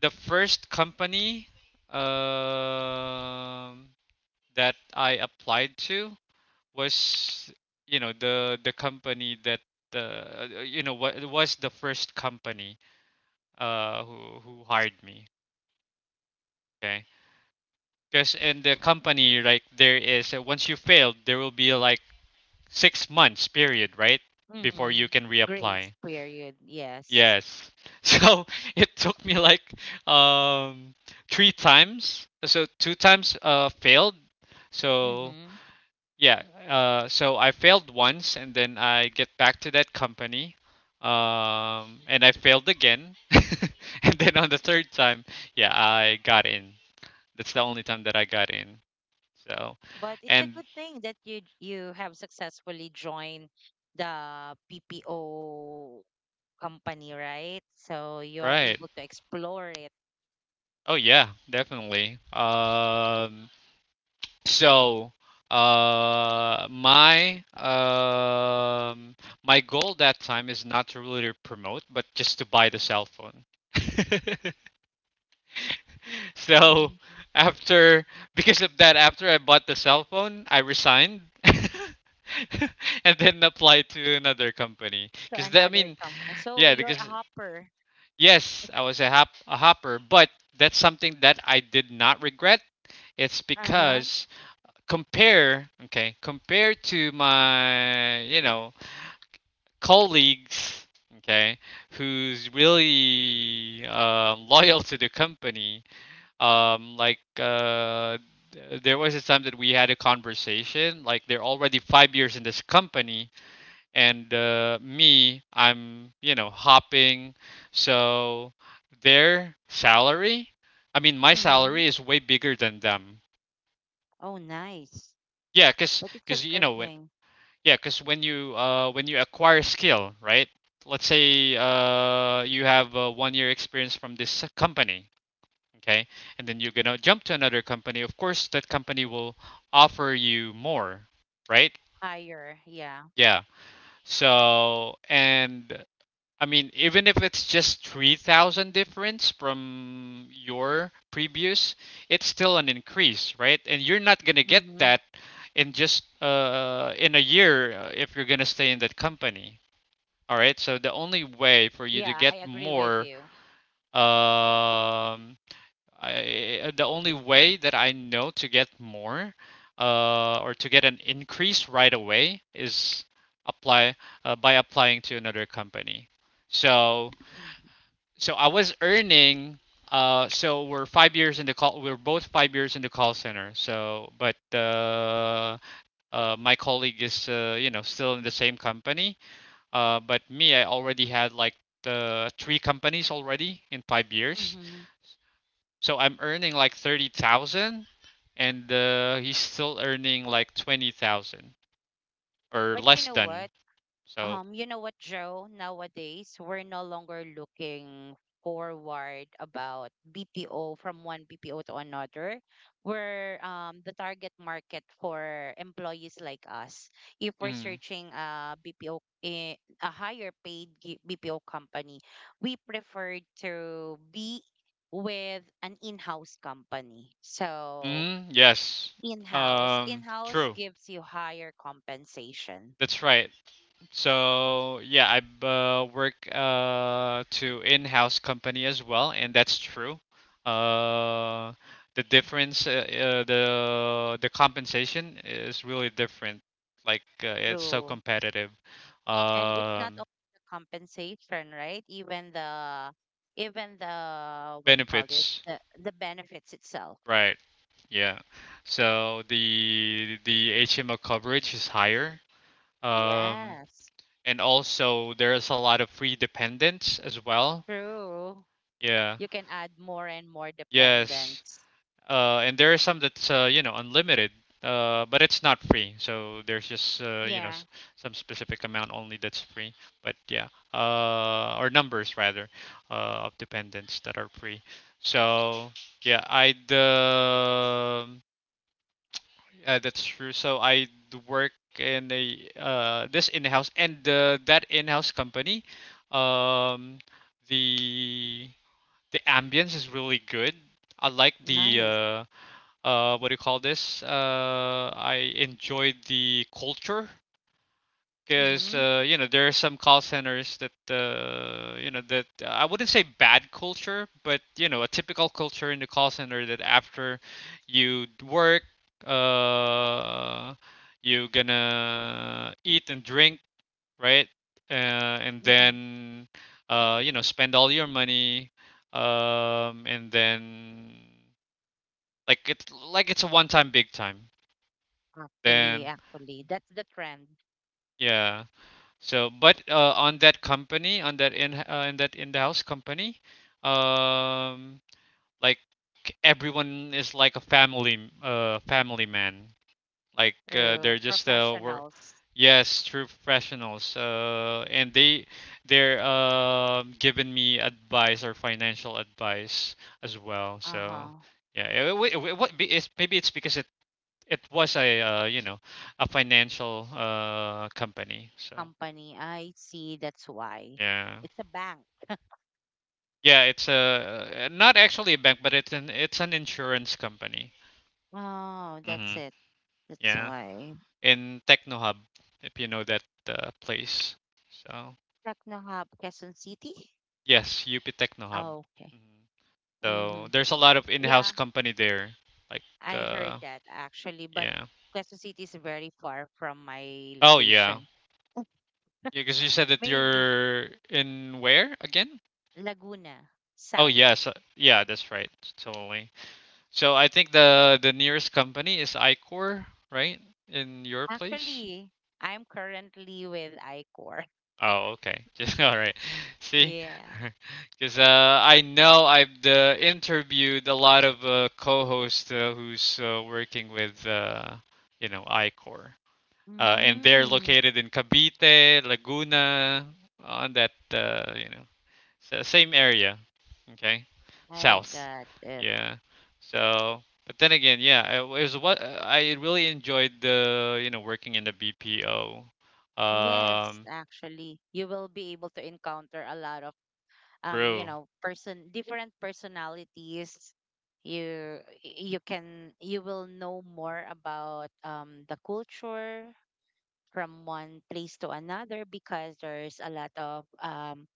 Speaker 1: the first company, um that I applied to was, you know, the company that, the, what was the first company, who hired me. Okay. Because in the company, like, there is, once you failed there will be like 6 months period, right? Before you
Speaker 2: Mm-hmm.
Speaker 1: can
Speaker 2: Grace
Speaker 1: reapply.
Speaker 2: period. Yes.
Speaker 1: Yes. So it took me like, um three times. So two times failed. So
Speaker 2: Mm-hmm.
Speaker 1: yeah, so I failed once and then I get back to that company. And I failed again. And then on the third time, yeah, I got in. That's the only time that I got in. So,
Speaker 2: But it's a
Speaker 1: and
Speaker 2: good thing that you have successfully joined the PPO company, right? So you are
Speaker 1: right.
Speaker 2: able to explore it.
Speaker 1: Oh yeah, definitely. So, my, my goal that time is not to really promote, but just to buy the cell phone. So,
Speaker 2: Mm.
Speaker 1: after because of that, after I bought the cell phone, I resigned and then applied to another company.
Speaker 2: To
Speaker 1: Because I
Speaker 2: another
Speaker 1: mean,
Speaker 2: company. So
Speaker 1: yeah,
Speaker 2: you're a
Speaker 1: because
Speaker 2: hopper.
Speaker 1: yes, I was a hopper, but that's something that I did not regret. It's
Speaker 2: Uh huh.
Speaker 1: because, compare to my, you know, colleagues, okay, who's really, loyal to the company. um like uh there was a time that we had a conversation, like, they're already 5 years in this company, and, me, I'm, you know, hopping. So their salary, I mean, my
Speaker 2: Mm-hmm.
Speaker 1: salary is way bigger than them.
Speaker 2: Oh, nice.
Speaker 1: Yeah, because,
Speaker 2: But it's a
Speaker 1: you
Speaker 2: good
Speaker 1: know when.
Speaker 2: thing.
Speaker 1: Yeah, because when you, when you acquire skill, right? Let's say, you have a 1 year experience from this company, okay, and then you're gonna jump to another company. Of course, that company will offer you more, right?
Speaker 2: Higher, yeah.
Speaker 1: Yeah. So, and I mean, even if it's just 3,000 difference from your previous, it's still an increase, right? And you're not gonna get
Speaker 2: Mm-hmm.
Speaker 1: that in just, in a year, if you're gonna stay in that company. All right. So the only way for you to
Speaker 2: Yeah,
Speaker 1: get
Speaker 2: I agree with
Speaker 1: more,
Speaker 2: you.
Speaker 1: um, the only way that I know to get more, or to get an increase right away is, apply by applying to another company. So, I was earning. So we're 5 years in the call. We're both 5 years in the call center. So, but, my colleague is, you know, still in the same company. But me, I already had like the three companies already in 5 years.
Speaker 2: Mm-hmm.
Speaker 1: So I'm earning like 30,000, and, he's still earning like 20,000, or
Speaker 2: But you
Speaker 1: less
Speaker 2: know
Speaker 1: than.
Speaker 2: what?
Speaker 1: So,
Speaker 2: You know what, Joe? Nowadays, we're no longer looking forward about BPO from one BPO to another. We're the target market for employees like us. If we're
Speaker 1: mm,
Speaker 2: searching a BPO, eh, a higher paid gi- BPO company, we prefer to be with an in-house company. So
Speaker 1: mm, yes.
Speaker 2: in-house, in-house
Speaker 1: True.
Speaker 2: gives you higher compensation
Speaker 1: That's right. So yeah, I, work, to in-house company as well, and that's true. Uh, the difference, the compensation is really different. Like, it's so
Speaker 2: through.
Speaker 1: competitive.
Speaker 2: And it's not
Speaker 1: Um,
Speaker 2: only the compensation, right? Even the even the what you call this,
Speaker 1: Benefits,
Speaker 2: the benefits itself.
Speaker 1: right? Yeah. So the HMO coverage is higher. Um,
Speaker 2: Yes,
Speaker 1: and also there's a lot of free dependents as well.
Speaker 2: true.
Speaker 1: Yeah.
Speaker 2: You can add more and more
Speaker 1: Yes.
Speaker 2: dependence.
Speaker 1: And there are some that's, you know, unlimited, but it's not free. So there's just, you know,
Speaker 2: Yeah,
Speaker 1: some specific amount only that's free. But yeah, or numbers rather, of dependents that are free. So yeah, I'd yeah, that's true. So I work in a, this in-house and, that in-house company. Um, the the ambience is really good. I like the,
Speaker 2: nice.
Speaker 1: what do you call this? I enjoyed the culture, because,
Speaker 2: Mm-hmm,
Speaker 1: there are some call centers that, that I wouldn't say bad culture, but, a typical culture in the call center, that after you work, uh, you are gonna eat and drink, right? And
Speaker 2: mm-hmm.
Speaker 1: then, spend all your money, and then, like, it's a one time big time
Speaker 2: Actually,
Speaker 1: then.
Speaker 2: actually that's the trend.
Speaker 1: Yeah. So, but, on that company, on that in that in house company, um, like, everyone is like a family, family man. Like,
Speaker 2: True,
Speaker 1: they're just work.
Speaker 2: professionals.
Speaker 1: Yes, true professionals. And they're giving me advice or financial advice as well. So
Speaker 2: Uh-huh.
Speaker 1: yeah, it, what be- it's- maybe it's because it was a, you know, a financial, company. So
Speaker 2: Company, I see, that's why.
Speaker 1: yeah,
Speaker 2: It's a bank.
Speaker 1: yeah, it's a, not actually a bank, but it's an insurance company.
Speaker 2: Oh, that's
Speaker 1: Hmm.
Speaker 2: it. That's
Speaker 1: Yeah,
Speaker 2: why.
Speaker 1: in TechnoHub, if you know that, place. So
Speaker 2: TechnoHub, Quezon City.
Speaker 1: yes, UP TechnoHub.
Speaker 2: Oh, okay.
Speaker 1: Hmm. So
Speaker 2: Mm-hmm.
Speaker 1: there's a lot of in-house
Speaker 2: Yeah,
Speaker 1: company there. Like,
Speaker 2: I
Speaker 1: uh,
Speaker 2: heard that actually, but
Speaker 1: yeah.
Speaker 2: Quezon City is very far from my
Speaker 1: Oh yeah,
Speaker 2: location.
Speaker 1: because you said that
Speaker 2: Maybe
Speaker 1: you're in where again?
Speaker 2: Laguna,
Speaker 1: Oh
Speaker 2: South.
Speaker 1: yes, yeah, that's right. Totally. So I think the nearest company is Icor, right? In your place?
Speaker 2: Actually, I'm currently with ICOR.
Speaker 1: Oh, okay. Just all right. See.
Speaker 2: Yeah.
Speaker 1: Because, I know I've, interviewed a lot of, co-hosts, who's, working with, you know, Icor, and they're
Speaker 2: Mm,
Speaker 1: located in Cavite, Laguna, on that, you know, same area. Okay.
Speaker 2: I
Speaker 1: South.
Speaker 2: got it.
Speaker 1: Yeah. So, but then again, yeah, it was what I really enjoyed, the, you know, working in the BPO.
Speaker 2: Yes,
Speaker 1: Um,
Speaker 2: actually, you will be able to encounter a lot of you
Speaker 1: True.
Speaker 2: know, person, different personalities. You can you will know more about the culture from one place to another because there's a lot of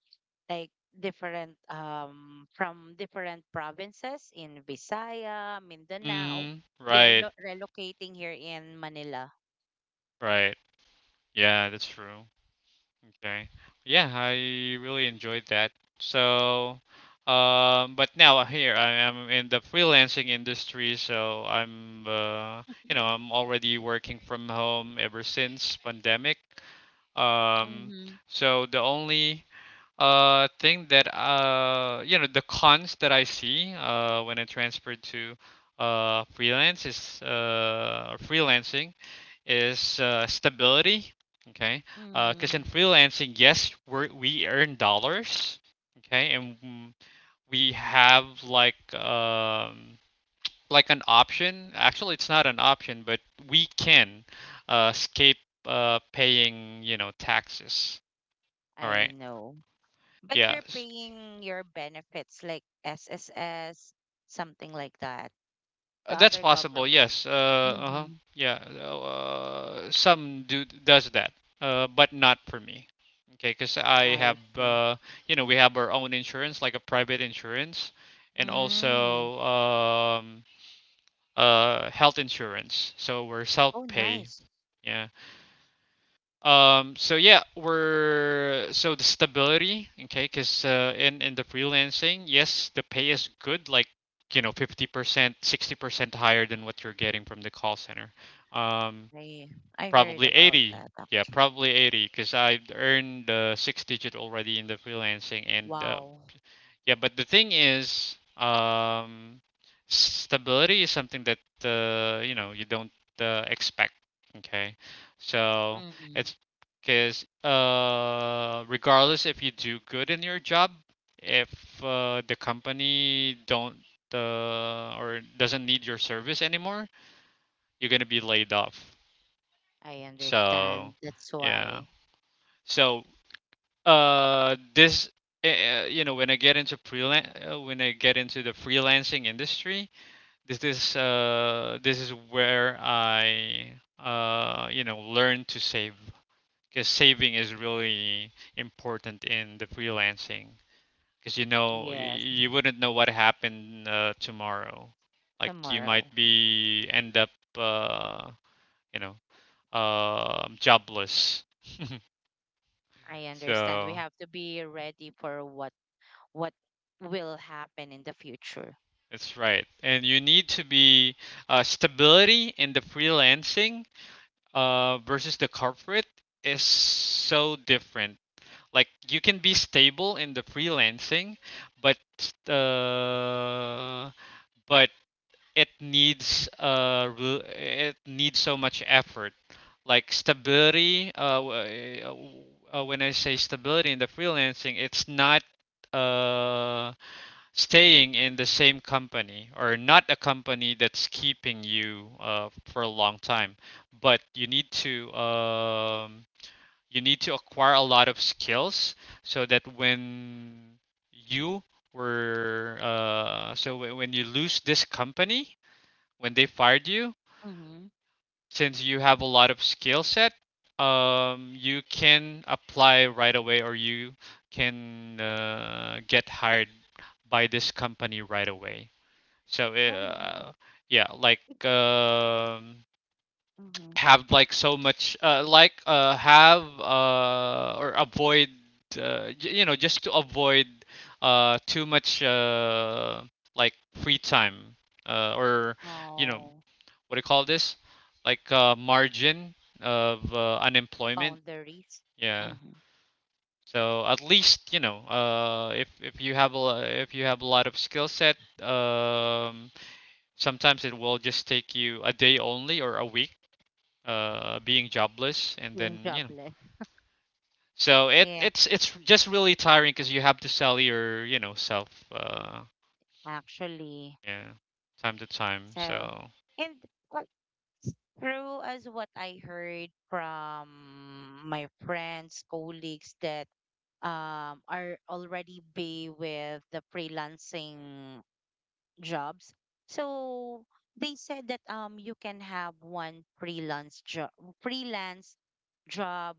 Speaker 2: like different from different provinces in Visaya, Mindanao.
Speaker 1: Mm,
Speaker 2: They're
Speaker 1: right,
Speaker 2: lo- relocating here in Manila.
Speaker 1: right. Yeah, that's true. Okay. Yeah, I really enjoyed that. So, but now here I am in the freelancing industry, so I'm, you know, I'm already working from home ever since pandemic. Um,
Speaker 2: Mm-hmm.
Speaker 1: so the only, thing that, you know, the cons that I see, when I transferred to, freelance is freelancing is, stability. Okay, because, in
Speaker 2: Mm,
Speaker 1: freelancing, yes, we earn dollars. Okay, and, mm, we have like, like an option. Actually, it's not an option, but we can, escape, paying, you know, taxes. All
Speaker 2: I
Speaker 1: right.
Speaker 2: know. But
Speaker 1: Yeah.
Speaker 2: you're paying your benefits like SSS, something like that. The
Speaker 1: That's
Speaker 2: other
Speaker 1: possible.
Speaker 2: government.
Speaker 1: Yes. Uh-huh.
Speaker 2: Mm-hmm.
Speaker 1: Yeah. Some do does that. But not for me. Okay. Because I have.
Speaker 2: I see.
Speaker 1: You know, we have our own insurance, like a private insurance, and
Speaker 2: Mm.
Speaker 1: also, health insurance. So we're self
Speaker 2: Oh,
Speaker 1: pay.
Speaker 2: nice.
Speaker 1: Yeah. So yeah, we're so the stability. Okay, because, in the freelancing, yes, the pay is good, like, you know, 50%, 60% higher than what you're getting from the call center. Um,
Speaker 2: I I heard
Speaker 1: Probably
Speaker 2: about
Speaker 1: 80.
Speaker 2: that
Speaker 1: Yeah,
Speaker 2: actually.
Speaker 1: probably 80, because I earned, six digit already in the freelancing, and,
Speaker 2: Wow.
Speaker 1: yeah, but the thing is, stability is something that, you know, you don't, expect. Okay, so
Speaker 2: Mm-hmm.
Speaker 1: it's because, regardless if you do good in your job, if, the company don't, or doesn't need your service anymore, you're gonna be laid off.
Speaker 2: I
Speaker 1: So
Speaker 2: understand. That's
Speaker 1: yeah,
Speaker 2: why.
Speaker 1: so, this you know, when I get into the freelancing industry, this is, this is where I, you know, learn to save, because saving is really important in the freelancing. Because, you know,
Speaker 2: Yes,
Speaker 1: you wouldn't know what happened, tomorrow. Like, you might
Speaker 2: tomorrow.
Speaker 1: be end up, uh you know, jobless.
Speaker 2: I understand. We
Speaker 1: So.
Speaker 2: have to be ready for what will happen in the future.
Speaker 1: That's right. And you need to be, stability in the freelancing, versus the corporate is so different. Like, you can be stable in the freelancing, but, uh, but it needs, it needs so much effort. Like, stability, when I say stability in the freelancing, it's not, uh, staying in the same company or not a company that's keeping you, for a long time, but, you need to acquire a lot of skills, so that when, you were so when you lose this company, when they fired you,
Speaker 2: Mm-hmm.
Speaker 1: since you have a lot of skill set, you can apply right away, or you can, get hired by this company right away. So,
Speaker 2: And
Speaker 1: yeah, like, um,
Speaker 2: mhm.
Speaker 1: have like so much, like have or avoid, you know, just to avoid, too much, like, free time, or, you know,
Speaker 2: Oh,
Speaker 1: what do you call this, like, margin of, unemployment.
Speaker 2: boundaries,
Speaker 1: Yeah.
Speaker 2: hmm.
Speaker 1: So at least, you know, if you have a lo- if you have a lot of skill set. Um, Sometimes it will just take you a day only, or a week, being jobless, and
Speaker 2: Being
Speaker 1: then, you know,
Speaker 2: jobless.
Speaker 1: so it
Speaker 2: Yeah,
Speaker 1: it's it's just really tiring, because you have to sell your, you know, self,
Speaker 2: actually.
Speaker 1: yeah, time to time.
Speaker 2: So,
Speaker 1: So
Speaker 2: and uh, true as what I heard from my friends, colleagues that are already be with the freelancing jobs. So they said that you can have one freelance job, freelance job,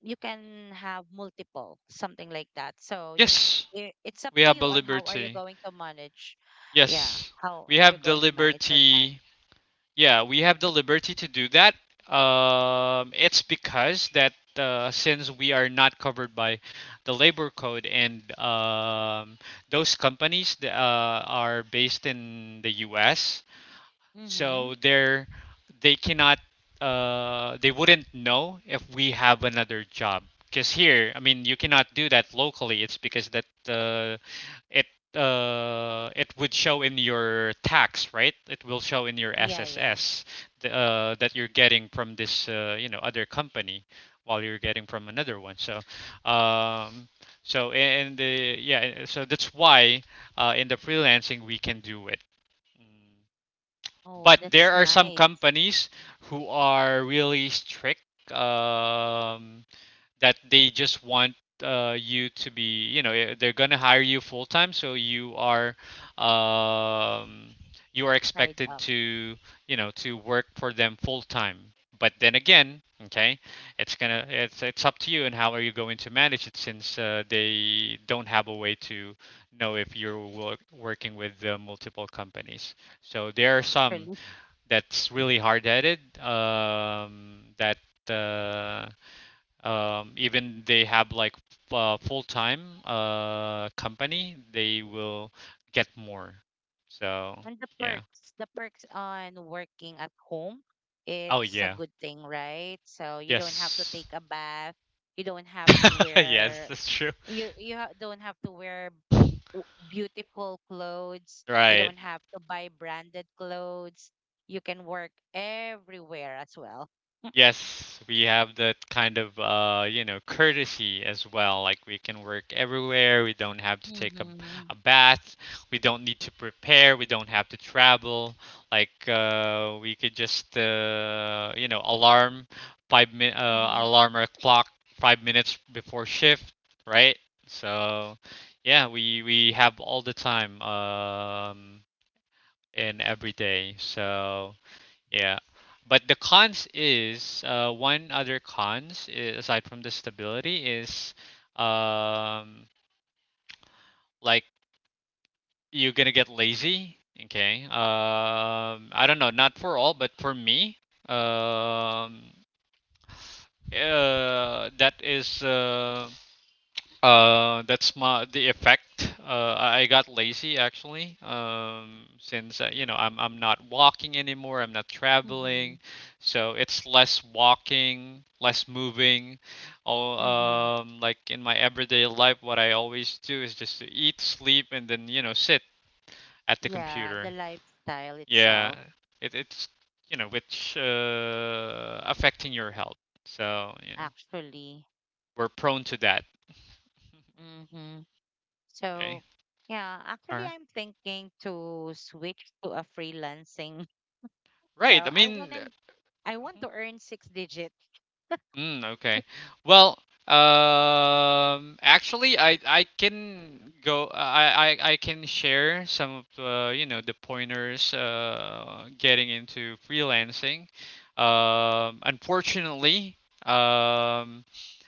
Speaker 2: you can have multiple, something like that. So you
Speaker 1: yes,
Speaker 2: I- it's up
Speaker 1: we
Speaker 2: to
Speaker 1: have a
Speaker 2: you on how are you
Speaker 1: liberty.
Speaker 2: going to manage. Yeah,
Speaker 1: Yes,
Speaker 2: how
Speaker 1: we
Speaker 2: are you
Speaker 1: have the
Speaker 2: going to manage your time?
Speaker 1: liberty yeah, we have the liberty to do that. It's because that, since we are not covered by the labor code and, those companies, are based in the US,
Speaker 2: Mm-hmm.
Speaker 1: so they cannot, they wouldn't know if we have another job. Because here, I mean, you cannot do that locally. It's because that, it it would show in your tax, right? It will show in your
Speaker 2: Yeah, yeah.
Speaker 1: SSS, the, that you're getting from this, you know, other company, while you're getting from another one. So, um, so and yeah, so that's why, in the freelancing, we can do it. Mm.
Speaker 2: Oh,
Speaker 1: But
Speaker 2: that's
Speaker 1: there are some
Speaker 2: nice.
Speaker 1: companies who are really strict, um, that they just want, you to be, you know, they're gonna hire you full time, so um, you are
Speaker 2: Side
Speaker 1: expected
Speaker 2: up.
Speaker 1: to, you know, to work for them full time. But then again, okay, it's gonna it's up to you and how are you going to manage it, since, they don't have a way to know if you're, working with, multiple companies. So there are
Speaker 2: On-
Speaker 1: some
Speaker 2: really.
Speaker 1: that's really hard-headed, that, uh, even they have like, full-time, company, they will get more. So
Speaker 2: And the
Speaker 1: yeah.
Speaker 2: perks, the perks on working at home,
Speaker 1: Oh
Speaker 2: it's a
Speaker 1: yeah.
Speaker 2: good thing, right? So you don't have to
Speaker 1: Yes.
Speaker 2: take a bath. You don't have to
Speaker 1: Yes,
Speaker 2: wear,
Speaker 1: that's true.
Speaker 2: you ha- don't have to wear w- beautiful clothes. You
Speaker 1: Right.
Speaker 2: don't have to buy branded clothes. You can work everywhere as well.
Speaker 1: Yes, we have that kind of, you know, courtesy as well. Like, we can work everywhere. We don't have to take a,
Speaker 2: Mm-hmm.
Speaker 1: a bath. We don't need to prepare. We don't have to travel. Like, we could just, you know,
Speaker 2: Mm-hmm.
Speaker 1: alarm our clock 5 minutes before shift, right? So yeah, we have all the time, in every day. So yeah, but the cons is, one other cons, aside from the stability is, um, like, you're gonna get lazy. Okay. I don't know, not for all, but for me, um, that is. That's my the effect. I got lazy actually. Since, you know, I'm not walking anymore. I'm not traveling,
Speaker 2: Mm-hmm.
Speaker 1: so it's less walking, less moving. All
Speaker 2: Mm-hmm.
Speaker 1: Like, in my everyday life, what I always do is just to eat, sleep, and then, you know, sit at the
Speaker 2: Yeah, the
Speaker 1: computer.
Speaker 2: lifestyle itself,
Speaker 1: Yeah, it's, you know, which, affecting your health. So, you know,
Speaker 2: actually.
Speaker 1: we're prone to that.
Speaker 2: Mm-hmm.
Speaker 1: Okay.
Speaker 2: So, yeah, actually,
Speaker 1: Are-
Speaker 2: I'm thinking to switch to a freelancing. So
Speaker 1: Right. Right, I mean,
Speaker 2: I want to earn six digits.
Speaker 1: mm, okay. Well, actually, I can go. I can share some of the you know, the pointers, getting into freelancing. Unfortunately, um,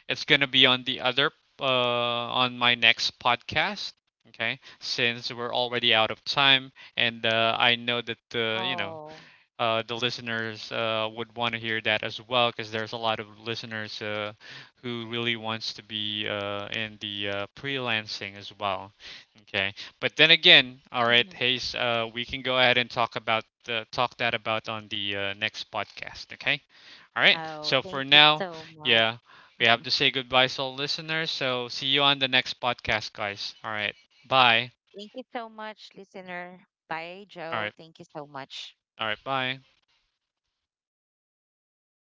Speaker 1: it's gonna be on the, other uh, on my next podcast. Okay, since we're already out of time, and, I know that, you know,
Speaker 2: Oh.
Speaker 1: the listeners, would want to hear that as well, because there's a lot of listeners, who really wants to be, in the, freelancing as well. Okay, but then again, all right,
Speaker 2: Mm-hmm.
Speaker 1: Hayes, we can go ahead and talk about, talk that about on the next podcast. Okay. All right,
Speaker 2: Oh,
Speaker 1: so for
Speaker 2: thank you
Speaker 1: now,
Speaker 2: so much.
Speaker 1: yeah, we have to say goodbye to all listeners. So see you on the next podcast, guys. All right. Bye.
Speaker 2: Thank you so much, listener. Bye,
Speaker 1: All
Speaker 2: Joe.
Speaker 1: right.
Speaker 2: Thank you so much.
Speaker 1: All right. Bye.